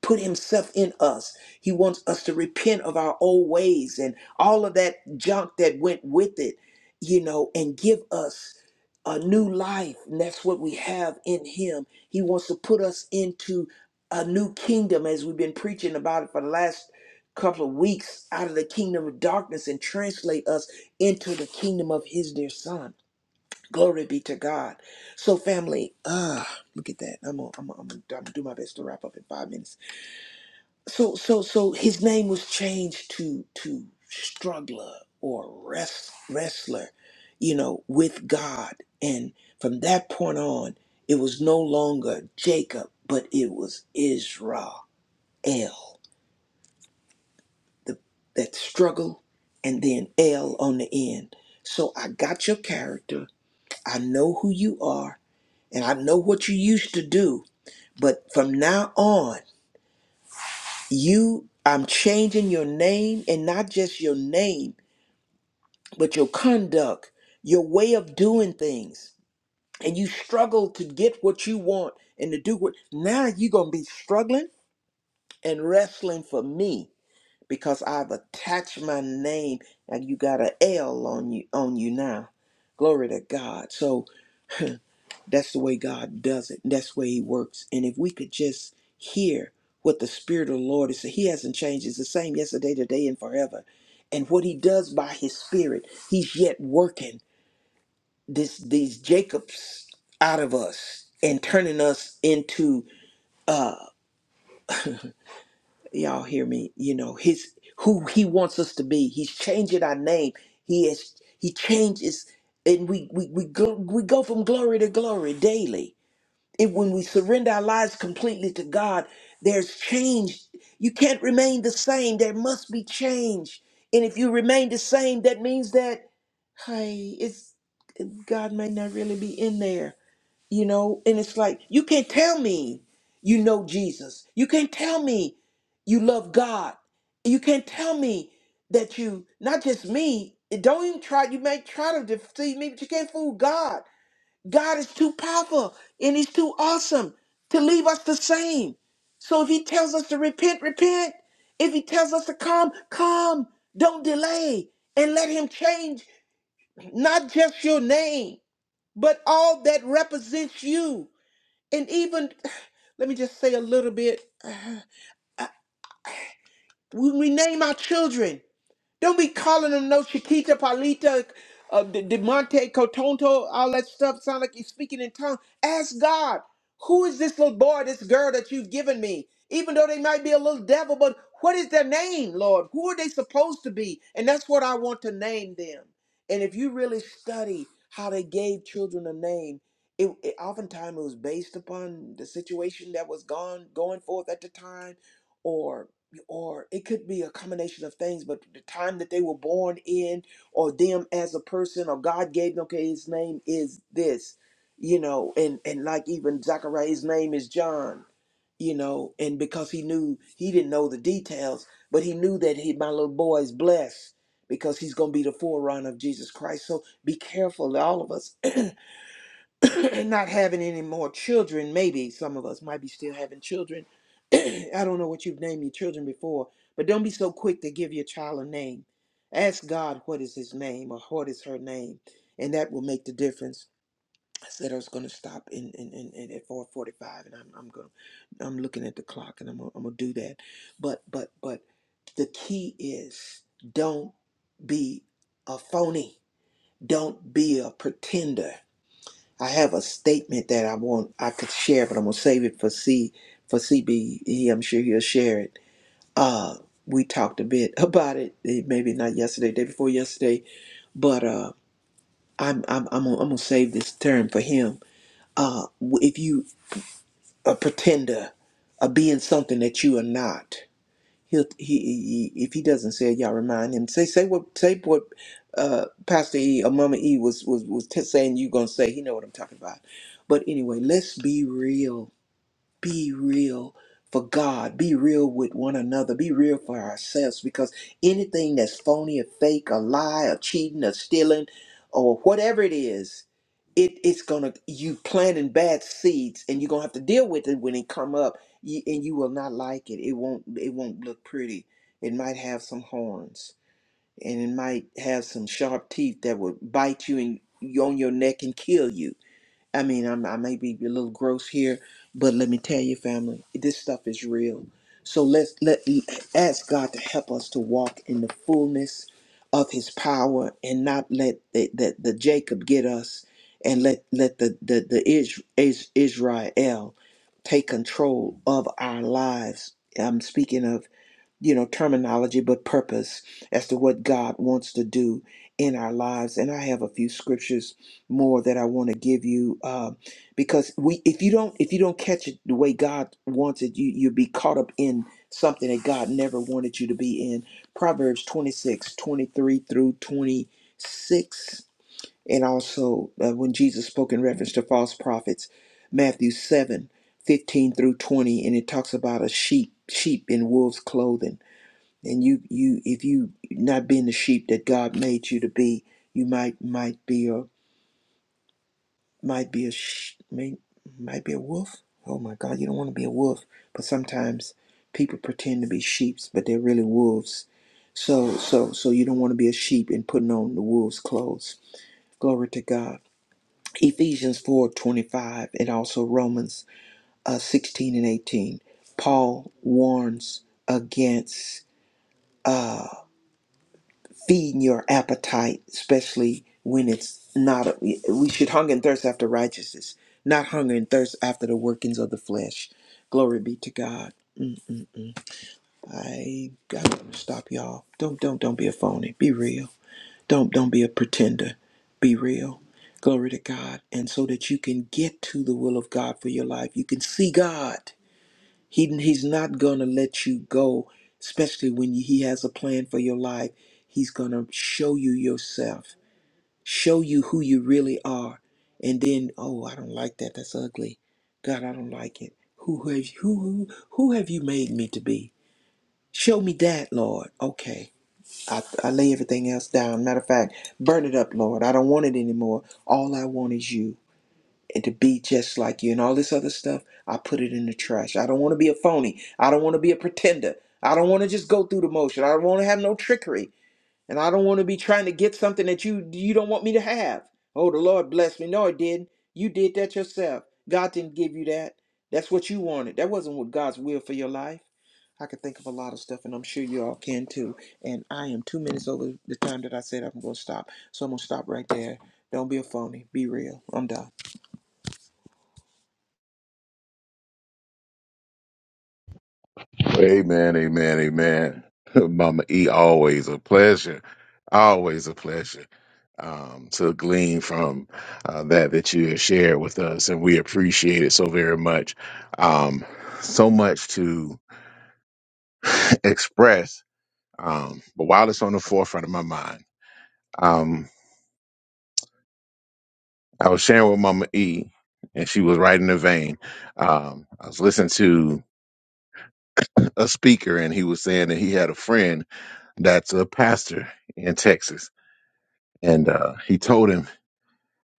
Speaker 3: put himself in us. He wants us to repent of our old ways and all of that junk that went with it, you know, and give us a new life. And that's what we have in him. He wants to put us into a new kingdom as we've been preaching about it for the last couple of weeks out of the kingdom of darkness and translate us into the kingdom of his dear son. Glory be to God. So family, ah, look at that. I'm gonna, I'm gonna, I'm gonna do my best to wrap up in five minutes so so so his name was changed to to struggler or rest, wrestler you know with god and from that point on it was no longer jacob but it was israel the, that struggle and then l on the end so i got your character i know who you are and i know what you used to do but from now on you i'm changing your name and not just your name but your conduct, your way of doing things, and you struggle to get what you want and to do what now you're gonna be struggling and wrestling for me because I've attached my name and you got an L on you on you now. Glory to God. So that's the way God does it. That's the way He works. And if we could just hear what the Spirit of the Lord is, He hasn't changed. It's the same yesterday, today, and forever. And what He does by His Spirit, He's yet working this these Jacobs out of us and turning us into uh y'all hear me, you know, his who he wants us to be. He's changing our name. He has he changes and we we we go we go from glory to glory daily. And when we surrender our lives completely to God, there's change. You can't remain the same. There must be change. And if you remain the same, that means that hey, it's God may not really be in there you know and it's like you can't tell me you know jesus you can't tell me you love god you can't tell me that you not just me don't even try you may try to deceive me but you can't fool god god is too powerful and he's too awesome to leave us the same so if he tells us to repent repent if he tells us to come come don't delay and let him change not just your name but all that represents you and even let me just say a little bit we, we name our children Don't be calling them no Chiquita, Palita, uh, De- Demonte, Cotonto, all that stuff. Sound like you're speaking in tongues. Ask God, who is this little boy, this girl that you've given me? Even though they might be a little devil, but what is their name, Lord? Who are they supposed to be? And that's what I want to name them. And if you really study how they gave children a name, it, it oftentimes it was based upon the situation that was gone going forth at the time, or it could be a combination of things, but the time that they were born in, or them as a person, or God gave them, okay, his name is this, you know, and and like even Zachariah, his name is John, you know, and because he knew he didn't know the details, but he knew that he my little boy is blessed because he's gonna be the forerunner of Jesus Christ. So be careful, all of us, and not having any more children, maybe some of us might be still having children. I don't know what you've named your children before, but don't be so quick to give your child a name. Ask God what is his name or what is her name, and that will make the difference. I said I was going to stop in, in, in, in at 4:45, and I'm I'm going I'm looking at the clock, and I'm gonna, I'm gonna do that. But but but the key is don't be a phony. Don't be a pretender I have a statement that I want I could share, but I'm gonna save it for C for CB. He, I'm sure he'll share it. Uh, we talked a bit about it, eh, maybe not yesterday, day before yesterday, but uh, I'm I'm I'm gonna, I'm gonna save this term for him. Uh, if you a pretender, of being something that you are not, He'll he, he if he doesn't say it, y'all remind him. Say say what say what uh, Pastor E or Mama E was was was t- saying you gonna say. He know what I'm talking about. But anyway, let's be real be real for God, be real with one another, be real for ourselves because anything that's phony or fake, a lie, or cheating, or stealing, or whatever it is, it, it's gonna you planting bad seeds and you're gonna have to deal with it when it come up you, and you will not like it. It won't it won't look pretty. It might have some horns and it might have some sharp teeth that will bite you and on your neck and kill you I mean, I'm, I may be a little gross here, but let me tell you, family, this stuff is real. So let's let ask God to help us to walk in the fullness of His power and not let the, the, the Jacob get us, and let let the the the Is, Is, Israel take control of our lives. I'm speaking of you know, terminology, but purpose as to what God wants to do in our lives. And I have a few scriptures more that I want to give you uh, because we, if you don't, if you don't catch it the way God wants it, you you'll be caught up in something that God never wanted you to be in. Proverbs 26, 23 through 26. And also uh, when Jesus spoke in reference to false prophets, Matthew 7 15 through 20. And it talks about a sheep, sheep in wolves clothing and you you if you not being the sheep that God made you to be, you might might be a might be a sh- may, might be a wolf. Oh my God, you don't want to be a wolf, but sometimes people pretend to be sheep, but they're really wolves. So so so you don't want to be a sheep and putting on the wolf's clothes. Glory to God. Ephesians four twenty five and also Romans uh, 16 and 18. Paul warns against uh, feeding your appetite, especially when it's not. We should hunger and thirst after righteousness, not hunger and thirst after the workings of the flesh. Glory be to God. I I'm gonna stop y'all. Don't don't don't be a phony. Be real. Don't don't be a pretender. Be real. Glory to God. And so that you can get to the will of God for your life, you can see God. He, he's not gonna let you go, especially when He has a plan for your life. He's gonna show you yourself show you who you really are and then oh i don't like that that's ugly god i don't like it who have who who, who have you made me to be show me that lord okay I, I lay everything else down matter of fact burn it up lord i don't want it anymore all i want is you and to be just like you and all this other stuff i put it in the trash i don't want to be a phony i don't want to be a pretender i don't want to just go through the motion i don't want to have no trickery and I don't want to be trying to get something that you you don't want me to have. Oh, the Lord blessed me. No, it didn't. You did that yourself. God didn't give you that. That's what you wanted. That wasn't what God's will for your life. I could think of a lot of stuff, and I'm sure you all can too. And I am two minutes over the time that I said I'm going to stop. So I'm going to stop right there. Don't be a phony. Be real. I'm done.
Speaker 2: Amen, amen, amen. Mama E, always a pleasure, always a pleasure um, to glean from uh, that that you have shared with us, and we appreciate it so very much. Um, so much to express, um, but while it's on the forefront of my mind, um, I was sharing with Mama E, and she was right in the vein. Um, I was listening to a speaker, and he was saying that he had a friend that's a pastor in Texas. And uh, he told him,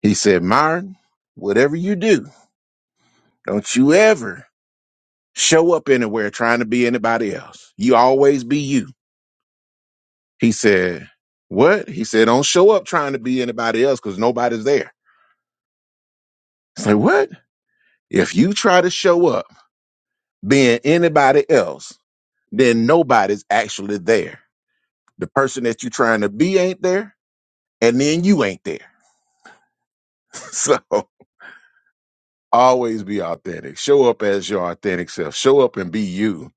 Speaker 2: he said, Myron, whatever you do, don't you ever show up anywhere trying to be anybody else. You always be you. He said, What? He said, Don't show up trying to be anybody else because nobody's there. I said, What? If you try to show up being anybody else, then nobody's actually there. The person that you're trying to be ain't there, and then you ain't there. so always be authentic. Show up as your authentic self. Show up and be you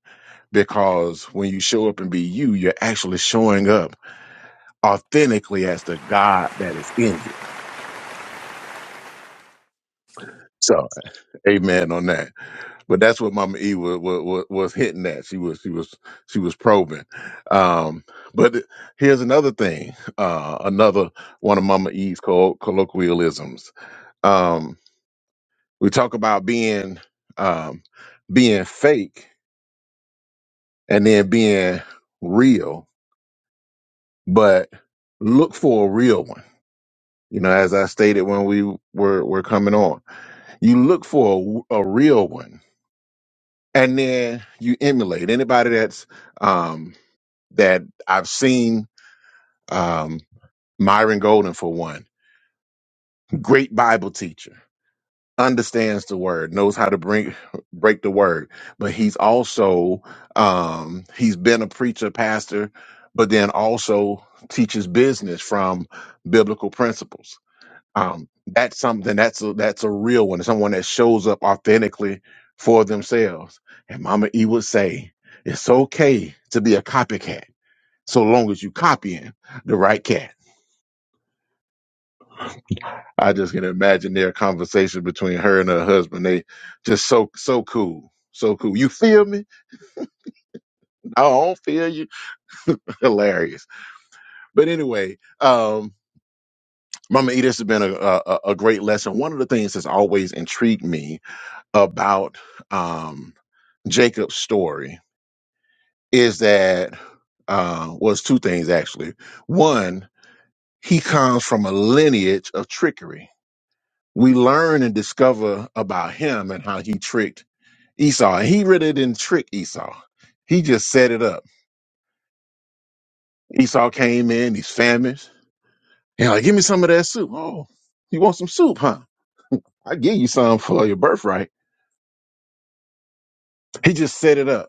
Speaker 2: because when you show up and be you, you're actually showing up authentically as the God that is in you. So, amen on that. But that's what Mama E was, was, was hitting at. She was she was she was probing. Um, but here's another thing. Uh, another one of Mama E's coll- colloquialisms. Um, we talk about being um, being fake and then being real, but look for a real one. You know, as I stated when we were, were coming on, you look for a, a real one and then you emulate anybody that's, um, that I've seen, um, Myron Golden for one great Bible teacher. understands the word, knows how to bring break the word, but he's also um, he's been a preacher, pastor, but then also teaches business from biblical principles. Um, that's something that's a, that's a real one. Someone that shows up authentically for themselves. And Mama E would say, "It's okay to be a copycat, so long as you copying the right cat." I just can imagine their conversation between her and her husband. They just so so cool. So cool. You feel me? I don't feel you. Hilarious. But anyway, um, Mama E, this has been a, a a a great lesson. One of the things that's always intrigued me about um Jacob's story is that uh was two things actually. One, he comes from a lineage of trickery. We learn and discover about him and how he tricked Esau. And he really didn't trick Esau. He just set it up. Esau came in, he's famished. And like, give me some of that soup. Oh, you want some soup, huh? I give you some for your birthright. He just set it up.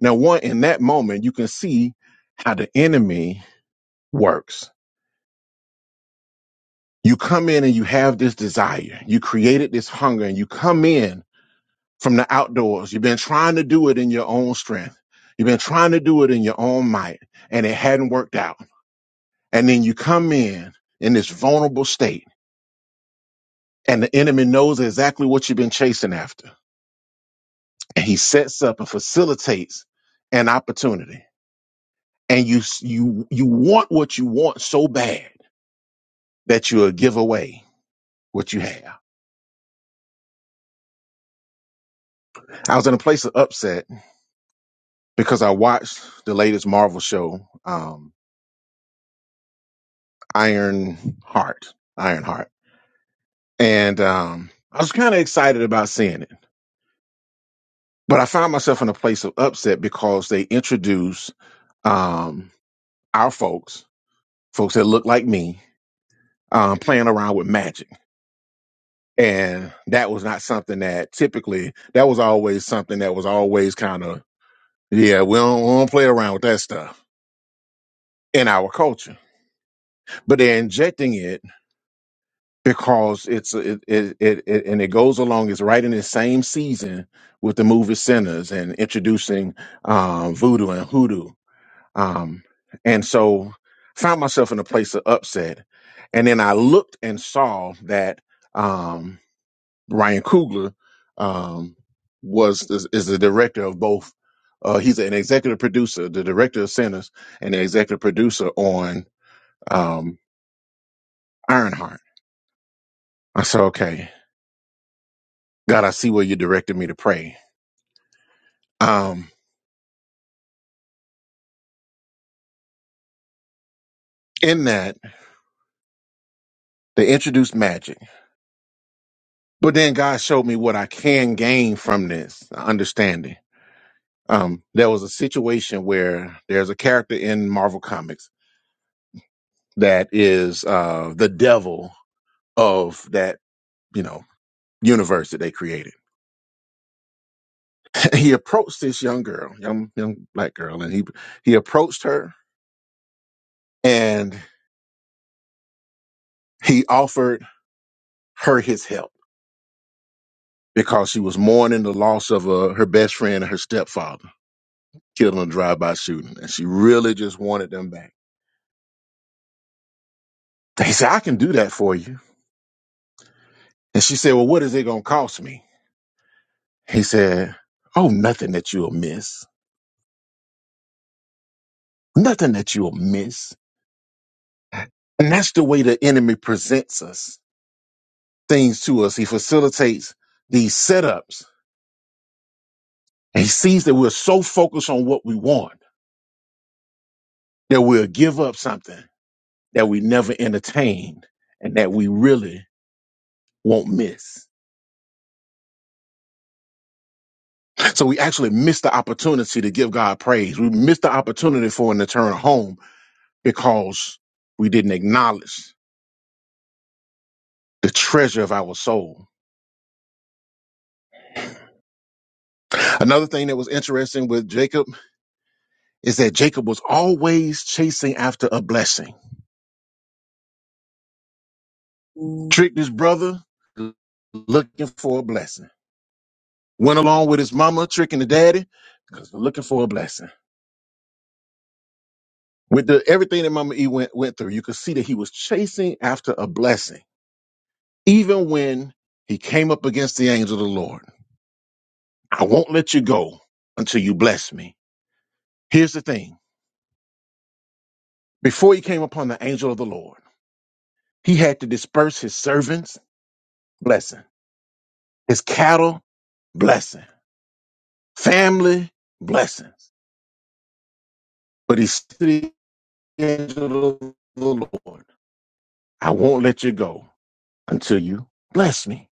Speaker 2: Now, one in that moment, you can see how the enemy works. You come in and you have this desire. You created this hunger and you come in from the outdoors. You've been trying to do it in your own strength. You've been trying to do it in your own might and it hadn't worked out. and then you come in in this vulnerable state and the enemy knows exactly what you've been chasing after and he sets up and facilitates an opportunity and you you you want what you want so bad that you'll give away what you have i was in a place of upset because i watched the latest marvel show um iron heart iron heart and um i was kind of excited about seeing it but i found myself in a place of upset because they introduced um, our folks, folks that look like me, um, playing around with magic. And that was not something that typically, that was always something that was always kind of, yeah, we don't, we don't play around with that stuff in our culture. But they're injecting it because it's, it, it, it, it and it goes along, it's right in the same season with the movie Sinners and introducing um, voodoo and hoodoo Um, and so found myself in a place of upset. And then I looked and saw that um, Ryan Coogler um, was is, is the director of both. Uh, he's an executive producer, the director of Sinners, and the executive producer on um, Ironheart. I said, "Okay, God, I see where you directed me to pray." Um, in that, they introduced magic, but then God showed me what I can gain from this understanding Um, there was a situation where there's a character in Marvel Comics that is uh, the devil of that, you know, universe that they created. he approached this young girl, young young black girl, and he he approached her and he offered her his help because she was mourning the loss of uh, her best friend and her stepfather killed in a drive-by shooting, and she really just wanted them back. He said, "I can do that for you," and she said, "Well, what is it going to cost me?" He said, Oh, nothing that you'll miss. Nothing that you'll miss. And that's the way the enemy presents us things to us. He facilitates these setups. And he sees that we're so focused on what we want that we'll give up something that we never entertained and that we really won't miss. So we actually miss the opportunity to give God praise. We miss the opportunity for an eternal home because we didn't acknowledge the treasure of our soul Another thing that was interesting with Jacob is that Jacob was always chasing after a blessing. Tricked his brother, looking for a blessing. Went along with his mama, tricking the daddy, because looking for a blessing. With the everything that Mama E went went through, you could see that he was chasing after a blessing. Even when he came up against the angel of the Lord. I won't let you go until you bless me. Here's the thing. Before he came upon the angel of the Lord, he had to disperse his servants' blessing. His cattle, blessing. Family, blessings. But he said to the angel of the Lord, I won't let you go until you bless me.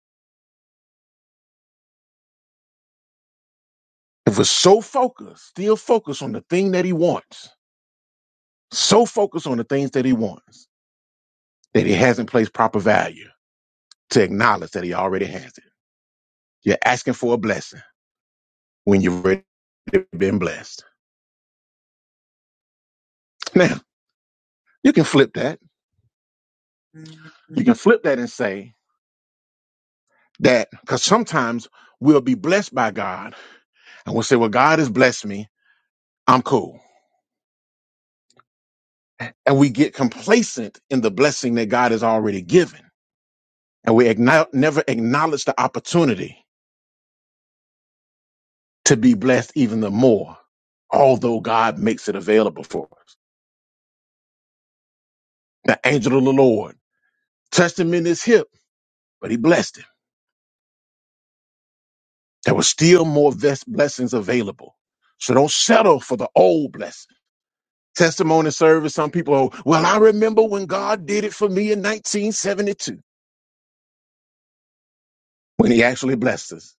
Speaker 2: If we're so focused, still focused on the thing that he wants, so focused on the things that he wants, that he hasn't placed proper value to acknowledge that he already has it. You're asking for a blessing when you've already been blessed. Now, you can flip that. You can flip that and say, That because sometimes we'll be blessed by God and we'll say, Well, God has blessed me. I'm cool. And we get complacent in the blessing that God has already given. And we acknow- never acknowledge the opportunity to be blessed even the more, although God makes it available for us. The angel of the Lord touched him in his hip, but he blessed him. There were still more vest blessings available. So don't settle for the old blessing testimony service. Some people, oh, well, I remember when God did it for me in 1972, when he actually blessed us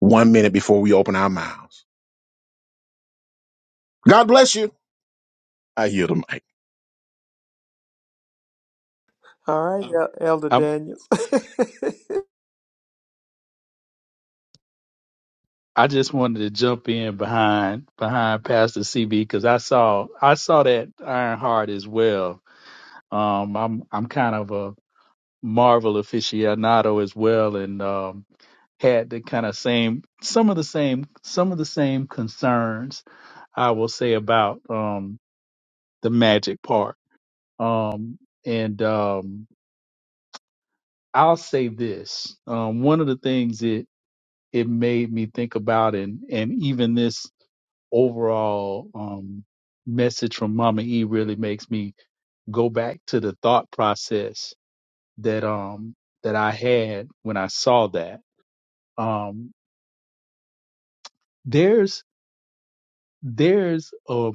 Speaker 2: one minute before we open our mouths. God bless you. I hear the mic.
Speaker 3: All right, El- Elder
Speaker 5: I
Speaker 3: Daniels.
Speaker 5: I just wanted to jump in behind behind Pastor CB because I saw I saw that Iron Heart as well. Um, I'm I'm kind of a Marvel aficionado as well, and um, had the kind of same some of the same some of the same concerns I will say about um the magic part. Um, and um, I'll say this: um, one of the things that it made me think about and and even this overall um message from Mama E really makes me go back to the thought process that um that I had when I saw that. Um there's there's a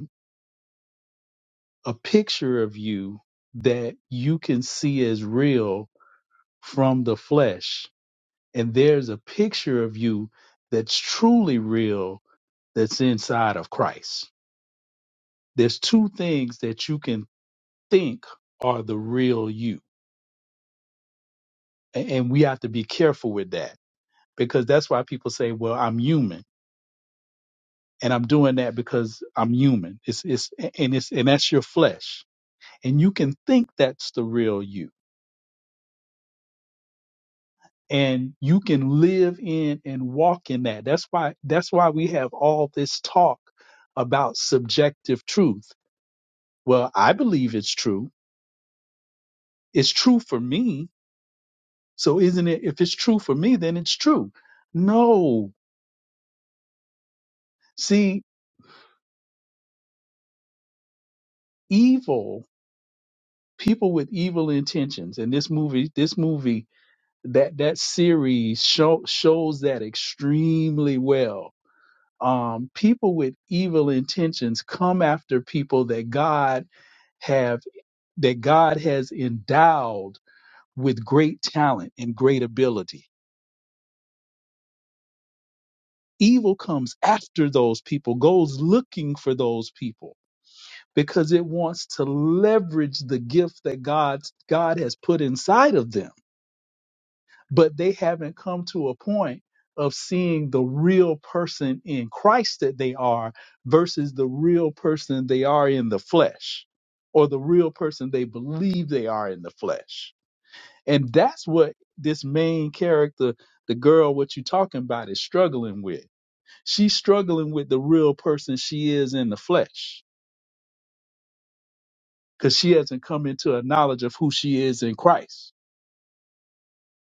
Speaker 5: a picture of you that you can see as real from the flesh and there's a picture of you that's truly real that's inside of Christ. There's two things that you can think are the real you. A- And we have to be careful with that because that's why people say, well, I'm human and I'm doing that because I'm human. It's, it's, and it's, and that's your flesh. And you can think that's the real you and you can live in and walk in that. That's why, that's why we have all this talk about subjective truth. Well, I believe it's true. It's true for me. So isn't it? If it's true for me, then it's true. No, see. evil people with evil intentions and this movie this movie that that series show, shows that extremely well um people with evil intentions come after people that god have that god has endowed with great talent and great ability evil comes after those people goes looking for those people because it wants to leverage the gift that god god has put inside of them but they haven't come to a point of seeing the real person in Christ that they are versus the real person they are in the flesh or the real person they believe they are in the flesh. And that's what this main character, the girl what you're talking about is struggling with. She's struggling with the real person she is in the flesh because she hasn't come into a knowledge of who she is in Christ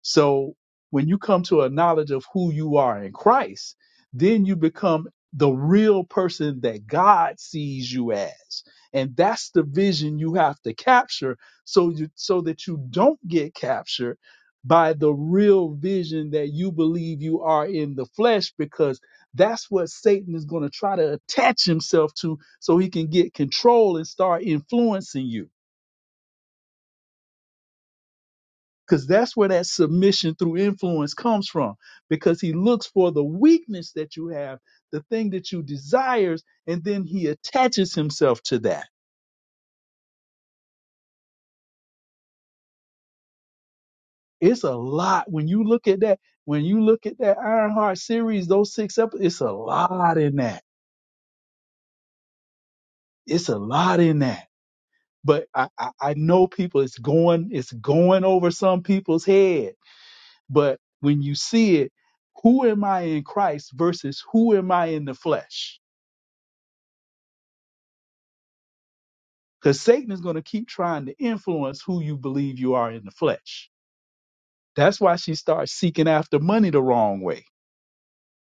Speaker 5: So when you come to a knowledge of who you are in Christ, then you become the real person that God sees you as. And that's the vision you have to capture so you so that you don't get captured by the real vision that you believe you are in the flesh because that's what Satan is going to try to attach himself to so he can get control and start influencing you because that's where that submission through influence comes from because he looks for the weakness that you have the thing that you desires and then he attaches himself to that it's a lot when you look at that when you look at that ironheart series those six episodes it's a lot in that it's a lot in that but I, I i know people it's going it's going over some people's head but when you see it who am i in christ versus who am i in the flesh because Satan is going to keep trying to influence who you believe you are in the flesh. That's why she starts seeking after money the wrong way.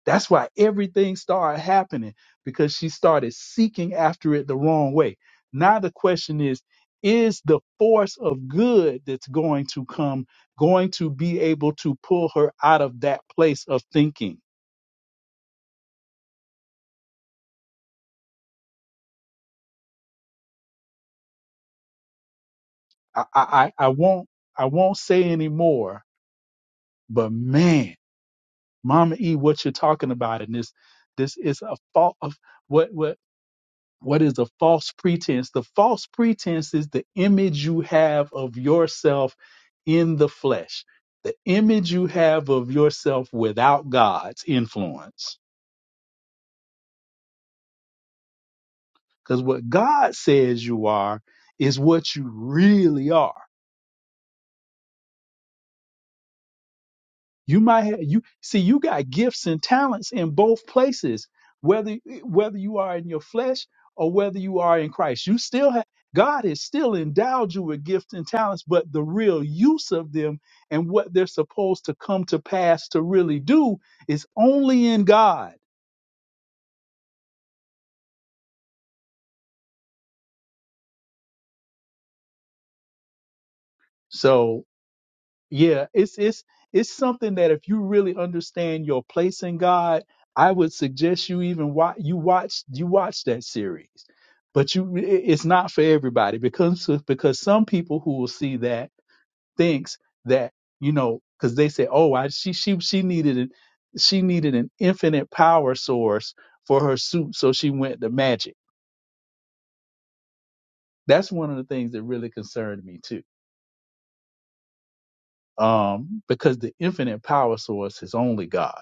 Speaker 5: That's why everything started happening because she started seeking after it the wrong way. Now the question is is the force of good that's going to come going to be able to pull her out of that place of thinking? I I, I I won't I won't say any more, but man Mama E, what you're talking about, and this this is a fault of what what what is the false pretense? The false pretense is the image you have of yourself in the flesh, the image you have of yourself without God's influence. Because what God says you are is what you really are. You might have you see you got gifts and talents in both places, whether whether you are in your flesh or whether you are in Christ. You still have God has still endowed you with gifts and talents, but the real use of them and what they're supposed to come to pass to really do is only in God. So yeah it's it's it's something that if you really understand your place in god i would suggest you even watch you watch you watch that series but you it- it's not for everybody because because some people who will see that thinks that you know because they say oh i she she she needed an she needed an infinite power source for her suit so she went to magic that's one of the things that really concerned me too um because the infinite power source is only god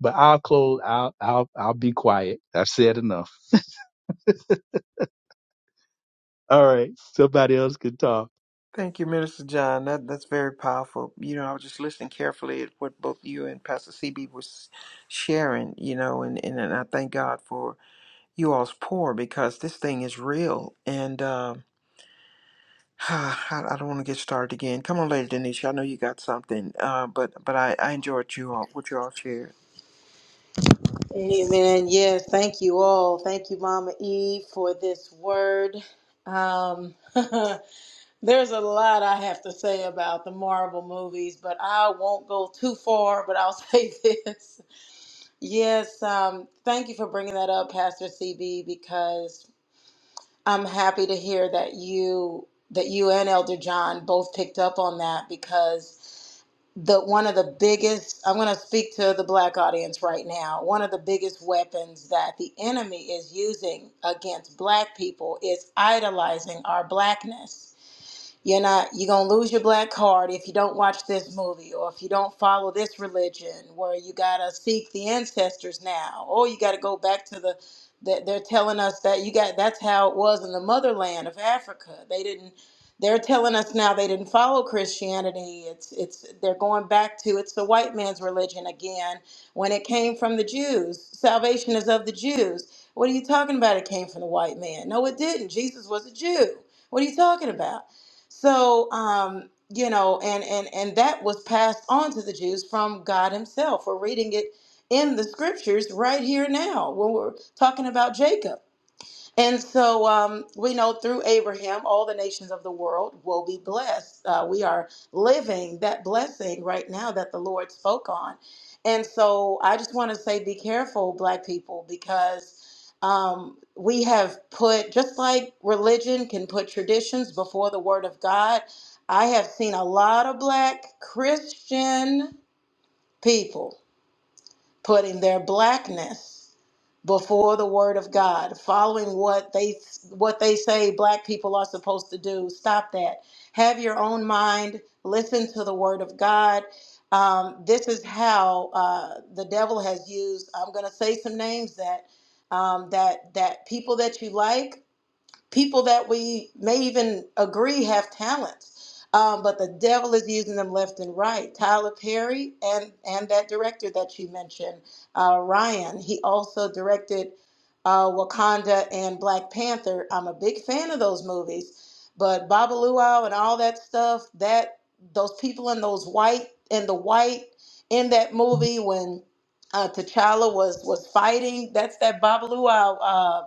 Speaker 5: But I'll close. I'll I'll I'll be quiet. I've said enough. All right. Somebody else can talk.
Speaker 3: Thank you, Minister John. That that's very powerful. You know, I was just listening carefully at what both you and Pastor CB was sharing. You know, and and, and I thank God for you all's pour because this thing is real. And um, I, I don't want to get started again. Come on, Lady Denisha. I know you got something, uh, but but I I enjoyed you all what you all shared.
Speaker 4: Amen. Yes, thank you all. Thank you, Mama E, for this word. Um, There's a lot I have to say about the Marvel movies, but I won't go too far. But I'll say this. Yes, um, thank you for bringing that up, Pastor CB, because I'm happy to hear that you that you and Elder John both picked up on that because the one of the biggest I'm going to speak to the black audience right now. One of the biggest weapons that the enemy is using against black people is idolizing our blackness you're not you're gonna lose your black card if you don't watch this movie or if you don't follow this religion where you gotta seek the ancestors now. Or you gotta go back to the that they're telling us that you got that's how it was in the motherland of Africa. They didn't they're telling us now they didn't follow Christianity. It's it's they're going back to it's the white man's religion again when it came from the Jews. Salvation is of the Jews. What are you talking about? It came from the white man. No, it didn't. Jesus was a Jew. What are you talking about? So, um, you know, and and and that was passed on to the Jews from God Himself. We're reading it in the scriptures right here now when we're talking about Jacob. And so um, we know through Abraham, all the nations of the world will be blessed. Uh, we are living that blessing right now that the Lord spoke on. And so I just want to say be careful, Black people, because um, we have put, just like religion can put traditions before the Word of God, I have seen a lot of Black Christian people putting their blackness before the word of God, following what they what they say black people are supposed to do. Stop that. Have your own mind. Listen to the word of God. Um, this is how uh, the devil has used. I'm going to say some names that um, that that people that you like people that we may even agree have talents. Um, but the devil is using them left and right. Tyler Perry and and that director that you mentioned, uh, Ryan. He also directed uh, Wakanda and Black Panther. I'm a big fan of those movies, but Babaluau and all that stuff. That those people in those white and the white in that movie when uh, T'Challa was was fighting. That's that Babaluau. Uh,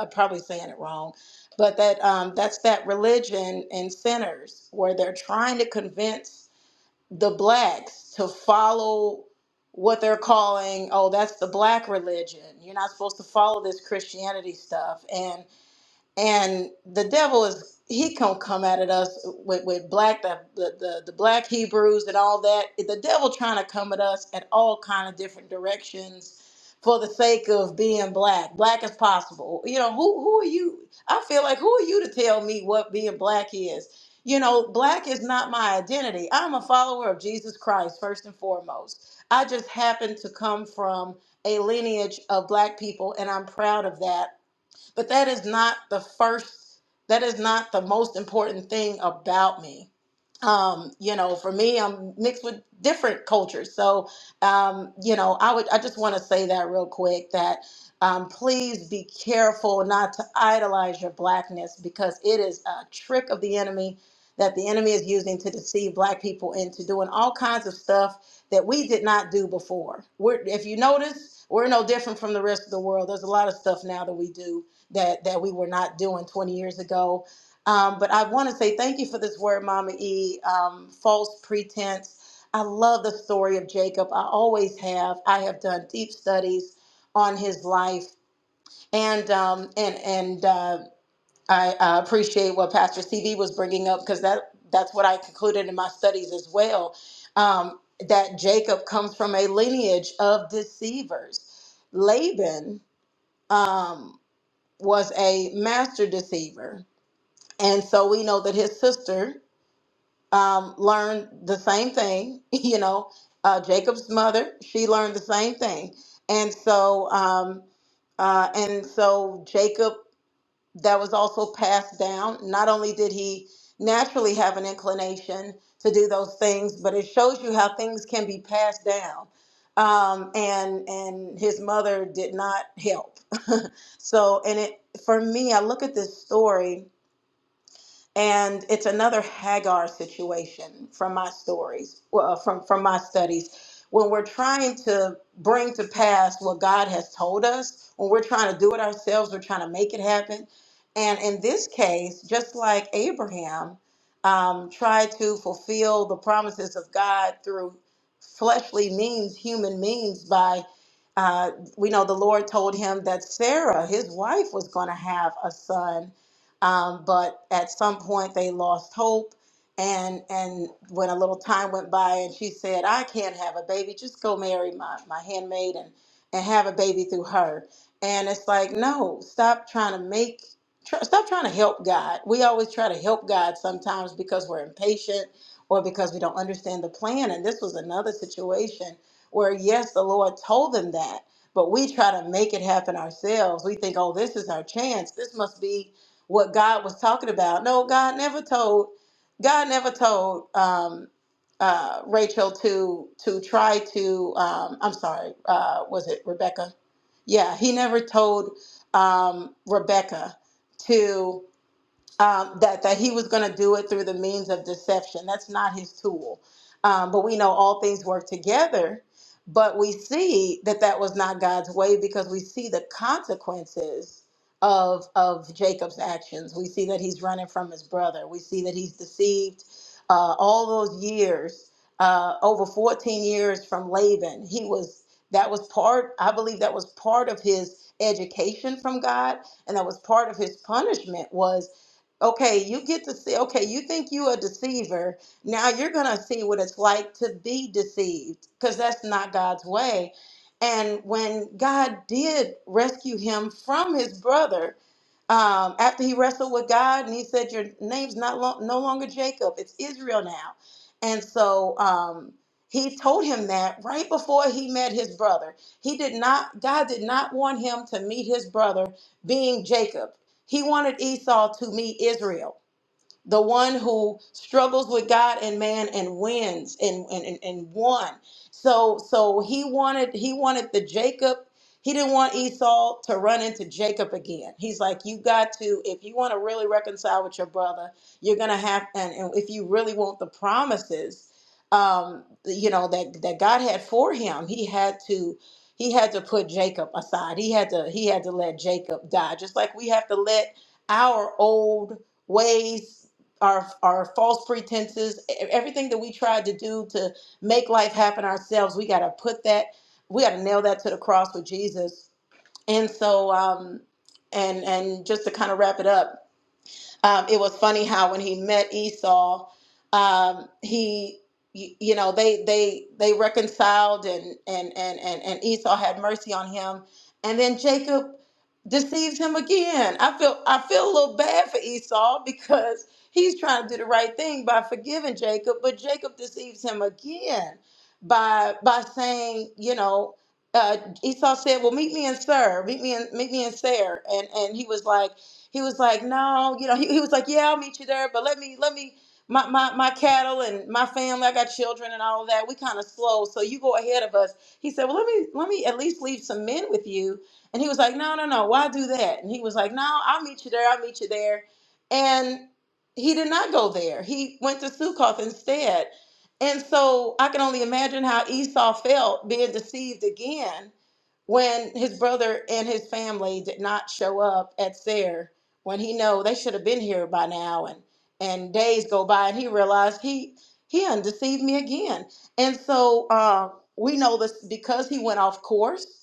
Speaker 4: I'm probably saying it wrong but that um, that's that religion in sinners where they're trying to convince the blacks to follow what they're calling oh that's the black religion you're not supposed to follow this christianity stuff and and the devil is he can come at it us with, with black the, the the the black hebrews and all that the devil trying to come at us at all kind of different directions for the sake of being black black as possible you know who who are you i feel like who are you to tell me what being black is you know black is not my identity i'm a follower of jesus christ first and foremost i just happen to come from a lineage of black people and i'm proud of that but that is not the first, that is not the most important thing about me. Um, you know, for me, I'm mixed with different cultures. So, um, you know, I would, I just want to say that real quick that um, please be careful not to idolize your blackness because it is a trick of the enemy that the enemy is using to deceive black people into doing all kinds of stuff that we did not do before. We're, if you notice, we're no different from the rest of the world. There's a lot of stuff now that we do that that we were not doing 20 years ago. Um, but I want to say thank you for this word, Mama E. Um, false pretense. I love the story of Jacob. I always have. I have done deep studies on his life and um, and and. uh, I uh, appreciate what Pastor CV was bringing up because that that's what I concluded in my studies as well. Um, that Jacob comes from a lineage of deceivers. Laban um, was a master deceiver, and so we know that his sister um, learned the same thing. You know, uh, Jacob's mother she learned the same thing, and so. Um, uh, and so Jacob that was also passed down. Not only did he naturally have an inclination to do those things, but it shows you how things can be passed down. Um, and and his mother did not help. so, and it for me, I look at this story and it's another Hagar situation from my stories, well, from from my studies. When we're trying to bring to pass what God has told us, when we're trying to do it ourselves, we're trying to make it happen. And in this case, just like Abraham um, tried to fulfill the promises of God through fleshly means, human means, by uh, we know the Lord told him that Sarah, his wife, was going to have a son um, but at some point, they lost hope. And and when a little time went by, and she said, "I can't have a baby. Just go marry my my handmaid and and have a baby through her." And it's like, no, stop trying to make. Try, stop trying to help God. We always try to help God sometimes because we're impatient or because we don't understand the plan. And this was another situation where, yes, the Lord told them that, but we try to make it happen ourselves. We think, oh, this is our chance. This must be what God was talking about. No, God never told God never told um, uh, Rachel to to try to um, I'm sorry, uh, was it Rebecca? Yeah, he never told um, Rebecca to um, that that he was going to do it through the means of deception. That's not his tool. Um, but we know all things work together. But we see that that was not God's way because we see the consequences of of Jacob's actions. We see that he's running from his brother. We see that he's deceived uh, all those years, uh, over fourteen years from Laban. He was that was part. I believe that was part of his education from God, and that was part of his punishment was Okay, you get to see, okay, you think you a deceiver. Now you're going to see what it's like to be deceived because that's not God's way. And when God did rescue him from his brother, um, after he wrestled with God and he said, Your name's not lo- no longer Jacob, it's Israel now. And so, um, he told him that right before he met his brother. He did not, God did not want him to meet his brother being Jacob. He wanted Esau to meet Israel the one who struggles with God and man and wins and and, and, and won. So so he wanted he wanted the Jacob. He didn't want Esau to run into Jacob again. He's like, you got to, if you want to really reconcile with your brother, you're gonna have, and, and if you really want the promises, um, you know that that God had for him, he had to, he had to put Jacob aside. He had to, he had to let Jacob die, just like we have to let our old ways our our false pretenses, e- e, everything that we tried to do to make life happen ourselves, we got to put that, we got to nail that to the cross with Jesus. And so, um, and and just to kind of wrap it up, um, it was funny how when he met Esau, um, he you, you know they they they reconciled and and and and and Esau had mercy on him, and then Jacob deceives him again. I feel I feel a little bad for Esau because he's trying to do the right thing by forgiving Jacob, but Jacob deceives him again by by saying you know. Uh, Esau said, "Well, meet me in Sir, meet me in meet me in Sarah," and and he was like. He was like, no, you know, he, he was like, yeah, I'll meet you there, but let me, let me, my, my, my cattle and my family, I got children and all of that. We kind of slow. So you go ahead of us. He said, well, let me, let me at least leave some men with you. And he was like, no, no, no, why do that? And he was like, no, I'll meet you there. I'll meet you there. And he did not go there. He went to Sukkoth instead. And so I can only imagine how Esau felt being deceived again when his brother and his family did not show up at Seir when he know they should have been here by now and and days go by and he realized he he undeceived me again and so uh, we know this because he went off course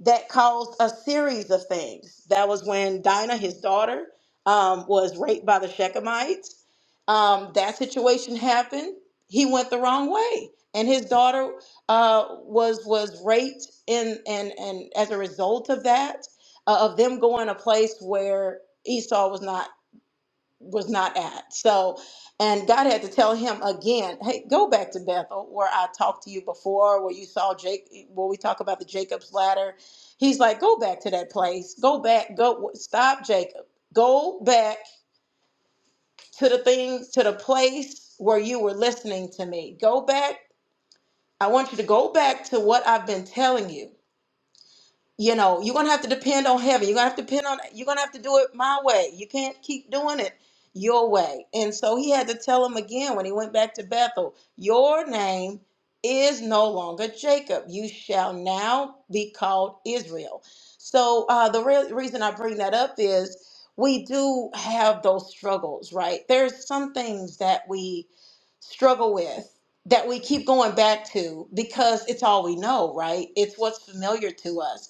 Speaker 4: that caused a series of things. That was when Dinah, his daughter, um, was raped by the Shechemites. Um, that situation happened. He went the wrong way, and his daughter uh, was was raped. In and and as a result of that, uh, of them going a place where Esau was not was not at. So, and God had to tell him again, hey, go back to Bethel where I talked to you before, where you saw Jake, where we talk about the Jacob's ladder. He's like, go back to that place. Go back. Go, stop, Jacob. Go back to the things, to the place where you were listening to me. Go back. I want you to go back to what I've been telling you you know you're gonna have to depend on heaven you're gonna have to depend on you're gonna have to do it my way you can't keep doing it your way and so he had to tell him again when he went back to bethel your name is no longer jacob you shall now be called israel so uh, the real reason i bring that up is we do have those struggles right there's some things that we struggle with that we keep going back to because it's all we know right it's what's familiar to us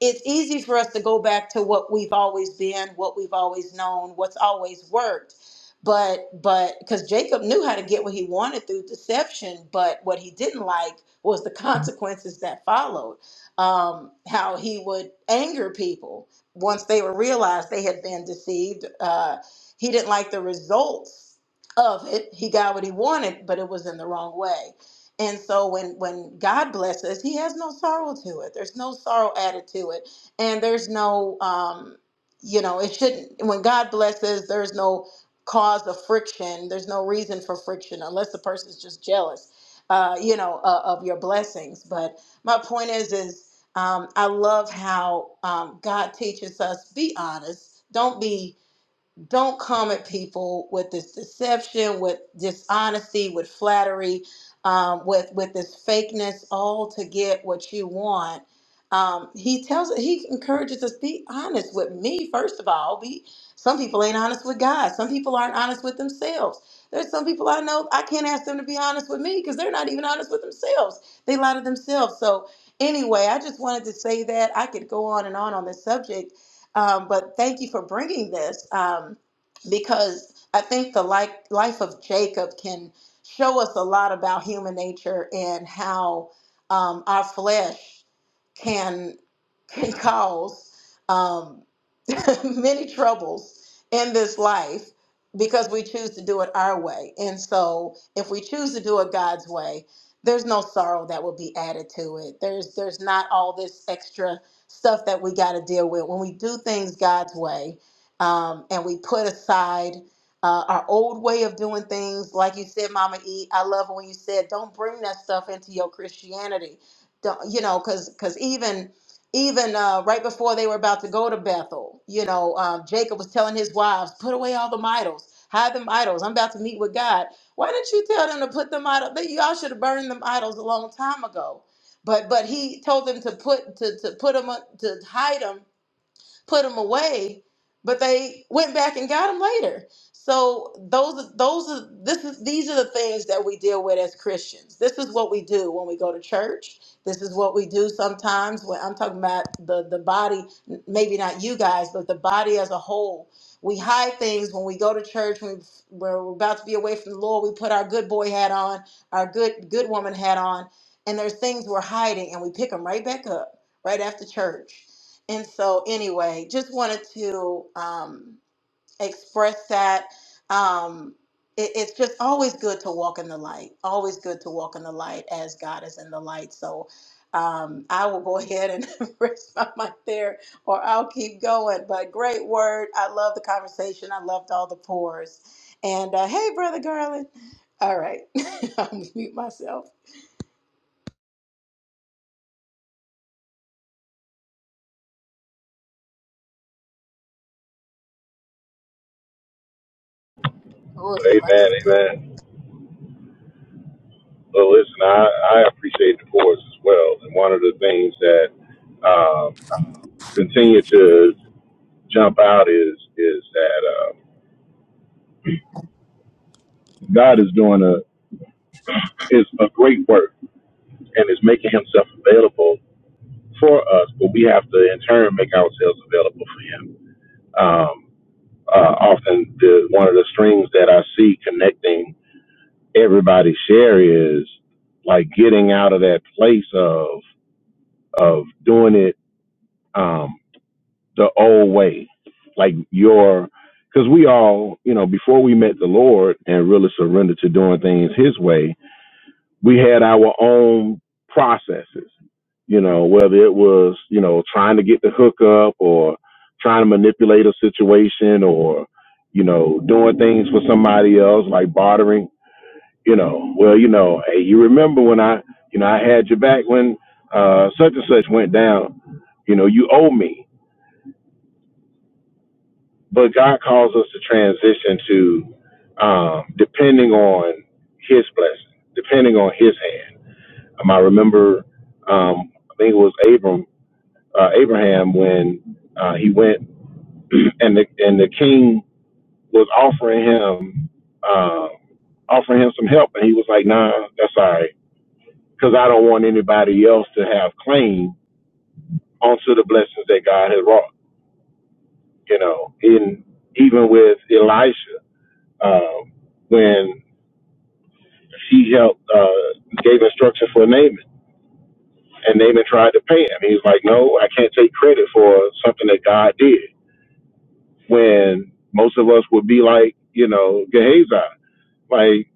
Speaker 4: it's easy for us to go back to what we've always been, what we've always known, what's always worked. But but because Jacob knew how to get what he wanted through deception, but what he didn't like was the consequences that followed. Um, how he would anger people once they were realized they had been deceived. Uh, he didn't like the results of it. He got what he wanted, but it was in the wrong way. And so when when God blesses, He has no sorrow to it. There's no sorrow added to it, and there's no um, you know it shouldn't. When God blesses, there's no cause of friction. There's no reason for friction unless the person's just jealous, uh, you know, uh, of your blessings. But my point is is um, I love how um, God teaches us be honest. Don't be don't come at people with this deception, with dishonesty, with flattery, um, with with this fakeness, all to get what you want. Um, he tells he encourages us be honest with me first of all. Be some people ain't honest with God. Some people aren't honest with themselves. There's some people I know I can't ask them to be honest with me because they're not even honest with themselves. They lie to themselves. So anyway, I just wanted to say that I could go on and on on this subject, um, but thank you for bringing this. Um, because I think the like, life of Jacob can show us a lot about human nature and how um, our flesh can can cause um, many troubles in this life because we choose to do it our way. And so, if we choose to do it God's way, there's no sorrow that will be added to it. There's there's not all this extra stuff that we got to deal with when we do things God's way um, and we put aside uh, our old way of doing things. Like you said, Mama E, I love when you said, "Don't bring that stuff into your Christianity." Don't, you know, because because even even uh, right before they were about to go to Bethel, you know, um, Jacob was telling his wives, "Put away all the idols, hide them idols. I'm about to meet with God." Why didn't you tell them to put them idols? That y'all should have burned them idols a long time ago. But but he told them to put to to put them to hide them put them away, but they went back and got them later. So those those are this is these are the things that we deal with as Christians. This is what we do when we go to church. This is what we do sometimes when I'm talking about the the body, maybe not you guys, but the body as a whole. We hide things when we go to church. When we're about to be away from the Lord, we put our good boy hat on, our good good woman hat on, and there's things we're hiding, and we pick them right back up right after church and so anyway just wanted to um, express that um, it, it's just always good to walk in the light always good to walk in the light as god is in the light so um, i will go ahead and rest my mic there or i'll keep going but great word i love the conversation i loved all the pores and uh, hey brother garland all right i'll mute myself oh it's
Speaker 2: Amen,
Speaker 4: quiet
Speaker 2: amen. Well, listen, I, I appreciate the course as well. And one of the things that um, continue to jump out is is that uh, God is doing a is a great work and is making Himself available for us, but we have to in turn make ourselves available for Him. Um, uh, often the one of the strings that I see connecting everybody's share is like getting out of that place of of doing it um, the old way, like your because we all you know before we met the Lord and really surrendered to doing things His way, we had our own processes, you know, whether it was, you know, trying to get the hookup or trying to manipulate a situation or, you know, doing things for somebody else like bartering, you know, well, you know, hey, you remember when I, you know, I had your back when uh, such and such went down, you know, you owe me. But God calls us to transition to um, depending on His blessing, depending on His hand Um, I remember, um, I think it was Abram, uh, Abraham, when uh, he went and the and the king was offering him uh, offering him some help, and he was like, "Nah, that's all right, because I don't want anybody else to have claim onto the blessings that God has wrought." You know, in even with Elisha, um, when she helped uh, gave instruction for Naaman, and Naaman tried to pay him, he was like, "No, I can't take credit for something that God did." when most of us would be like, you know, Gehazi, like,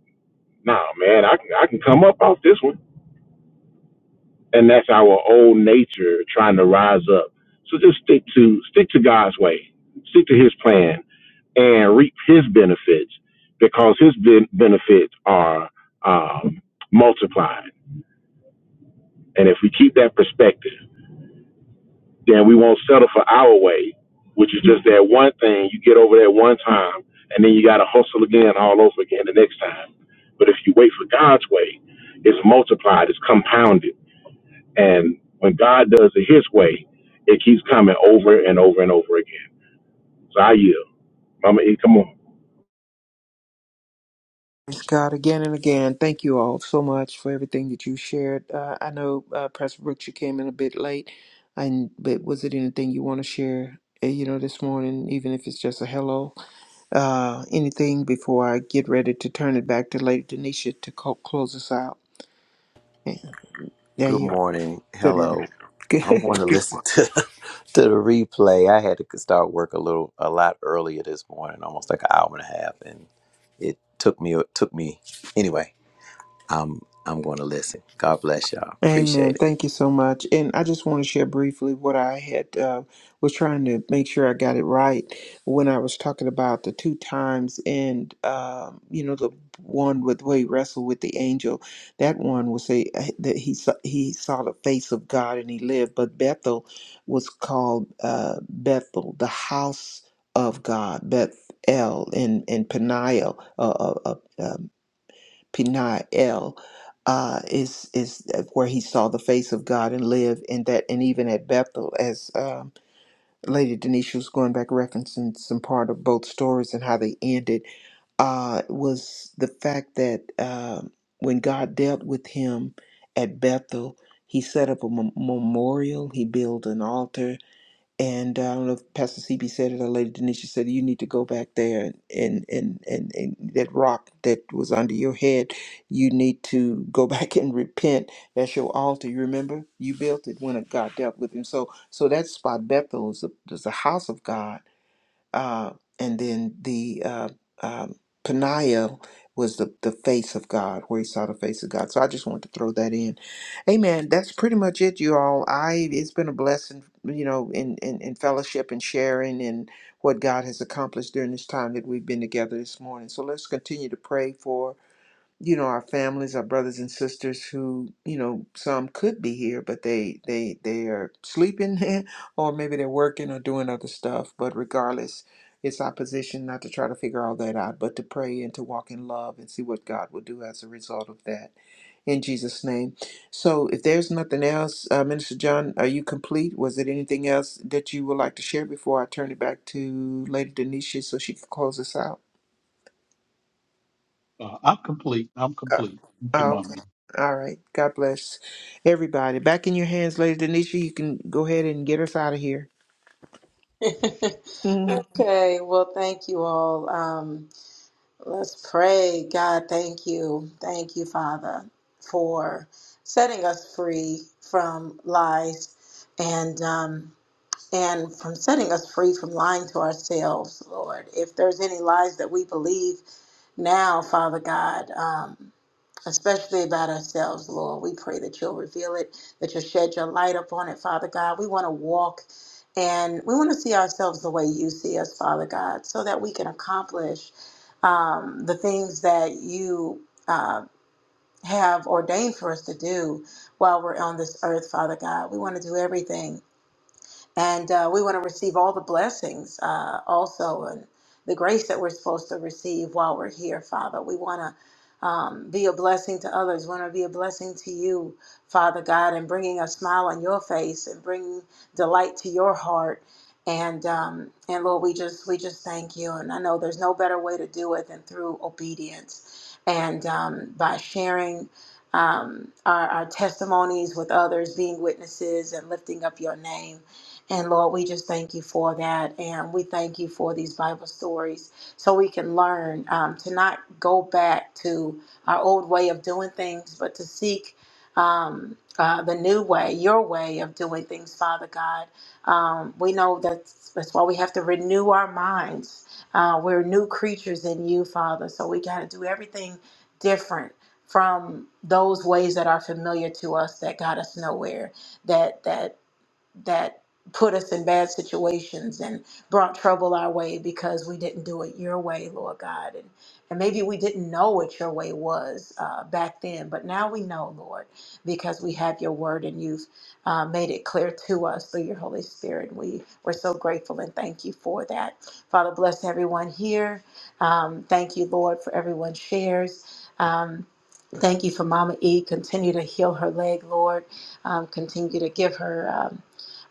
Speaker 2: nah, man, I can I can come up off this one, and that's our old nature trying to rise up. So just stick to stick to God's way, stick to His plan, and reap His benefits because His ben- benefits are um, multiplied. And if we keep that perspective then we won't settle for our way, which is just that one thing. You get over that one time, and then you got to hustle again all over again the next time. But if you wait for God's way, it's multiplied, it's compounded. And when God does it His way, it keeps coming over and over and over again. So I yield. Mama E, come on.
Speaker 3: Praise God again and again. Thank you all so much for everything that you shared. Uh, I know, uh, Pastor Brooks, you came in a bit late, and but was it anything you want to share? uh, You know, this morning, even if it's just a hello, uh, anything before I get ready to turn it back to Lady Denisha to co- close us out. Yeah, yeah.
Speaker 6: Good
Speaker 3: you are.
Speaker 6: morning.
Speaker 3: Good
Speaker 6: Hello. I'm going
Speaker 3: morning.
Speaker 6: to listen to to the replay. I had to start work a little a lot earlier this morning, almost like an hour and a half, and it took me it took me anyway. I'm I'm going to listen. God bless y'all. Appreciate
Speaker 3: Amen.
Speaker 6: it.
Speaker 3: Thank you so much. And I just want to share briefly what I had uh, was trying to make sure I got it right when I was talking about the two times and um, you know the one with where he wrestled with the angel. That one was a that he saw, he saw the face of God and he lived. But Bethel was called uh, Bethel, the house of God, Bethel and and Peniel, uh, uh, uh, Peniel uh, is is uh, where he saw the face of God and lived in that, and even at Bethel, as um Lady Denisha was going back referencing some part of both stories and how they ended, uh, was the fact that um when God dealt with him at Bethel, he set up a mem- memorial, he built an altar, and uh, I don't know if Pastor CB said it or Lady Denisha said it, you need to go back there and, and, and, and, and that rock that was under your head, you need to go back and repent. That's your altar. You remember? You built it when God dealt with him. So so that spot Bethel is a, is a house of God uh, and then the uh, um, Peniel was the, the face of God, where he saw the face of God. So I just wanted to throw that in. Amen. That's pretty much it, you all. I it's been a blessing, you know, in, in, in fellowship and sharing and what God has accomplished during this time that we've been together this morning. So let's continue to pray for you know our families our brothers and sisters who you know some could be here but they they they are sleeping or maybe they're working or doing other stuff but regardless it's our position not to try to figure all that out but to pray and to walk in love and see what god will do as a result of that in jesus name so if there's nothing else uh, minister john are you complete was it anything else that you would like to share before i turn it back to lady denisha so she can close us out
Speaker 5: Uh, I'm complete. I'm
Speaker 3: Oh,
Speaker 5: complete. Thank you,
Speaker 3: oh,
Speaker 5: Mama.
Speaker 3: okay. All right. God bless everybody. Back in your hands, Lady Denisha. You can go ahead and get us out of here.
Speaker 4: okay well thank you all um, Let's pray. God, thank you. Thank you, Father, for setting us free from lies and. Um, and from setting us free from lying to ourselves, Lord. If there's any lies that we believe now, Father God, um, especially about ourselves, Lord, we pray that you'll reveal it, that you'll shed your light upon it, Father God. We want to walk and we want to see ourselves the way you see us, Father God, so that we can accomplish um, the things that you. Uh, have ordained for us to do while we're on this earth, Father God. We want to do everything and uh, we want to receive all the blessings uh, also and the grace that we're supposed to receive while we're here, Father. We want to um, be a blessing to others. We want to be a blessing to you, Father God, and bringing a smile on your face and bringing delight to your heart. And um, and Lord, we just we just thank you. And I know there's no better way to do it than through obedience and um, by sharing um, our, our testimonies with others, being witnesses and lifting up your name. And Lord, we just thank you for that. And we thank you for these Bible stories so we can learn um, to not go back to our old way of doing things, but to seek um, uh, the new way, your way of doing things, Father God. Um, we know that's, that's why we have to renew our minds. Uh, we're new creatures in you, Father. So we got to do everything different from those ways that are familiar to us that got us nowhere That that that put us in bad situations and brought trouble our way because we didn't do it your way, Lord God. And, and maybe we didn't know what your way was uh, back then, but now we know, Lord, because we have your word and you've uh, made it clear to us through your Holy Spirit. We, we're so grateful and thank you for that. Father, bless everyone here. Um, thank you, Lord, for everyone's shares. Um, thank you for Mama E. Continue to heal her leg, Lord. Um, continue to give her. Um,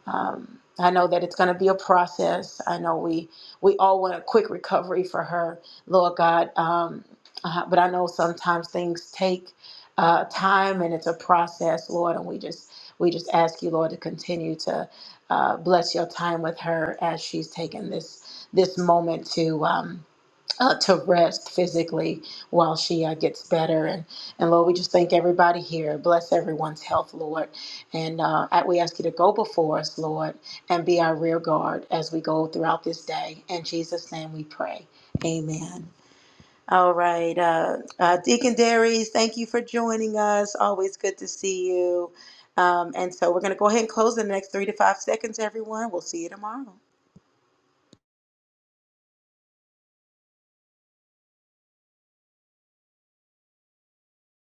Speaker 4: um, I know that it's going to be a process. I know we we all want a quick recovery for her, Lord God. Um, uh, but I know sometimes things take uh, time and it's a process, Lord. And we just we just ask you, Lord, to continue to uh, bless your time with her as she's taking this this moment to. Um, uh, to rest physically while she uh, gets better. And, and Lord, we just thank everybody here. Bless everyone's health, Lord. And uh, I- we ask you to go before us, Lord, and be our rear guard as we go throughout this day. In Jesus' name we pray. Amen. All right. Uh, uh, Deacon Darius, thank you for joining us. Always good to see you. Um, and so we're going to go ahead and close in the next three to five seconds, everyone. We'll see you tomorrow.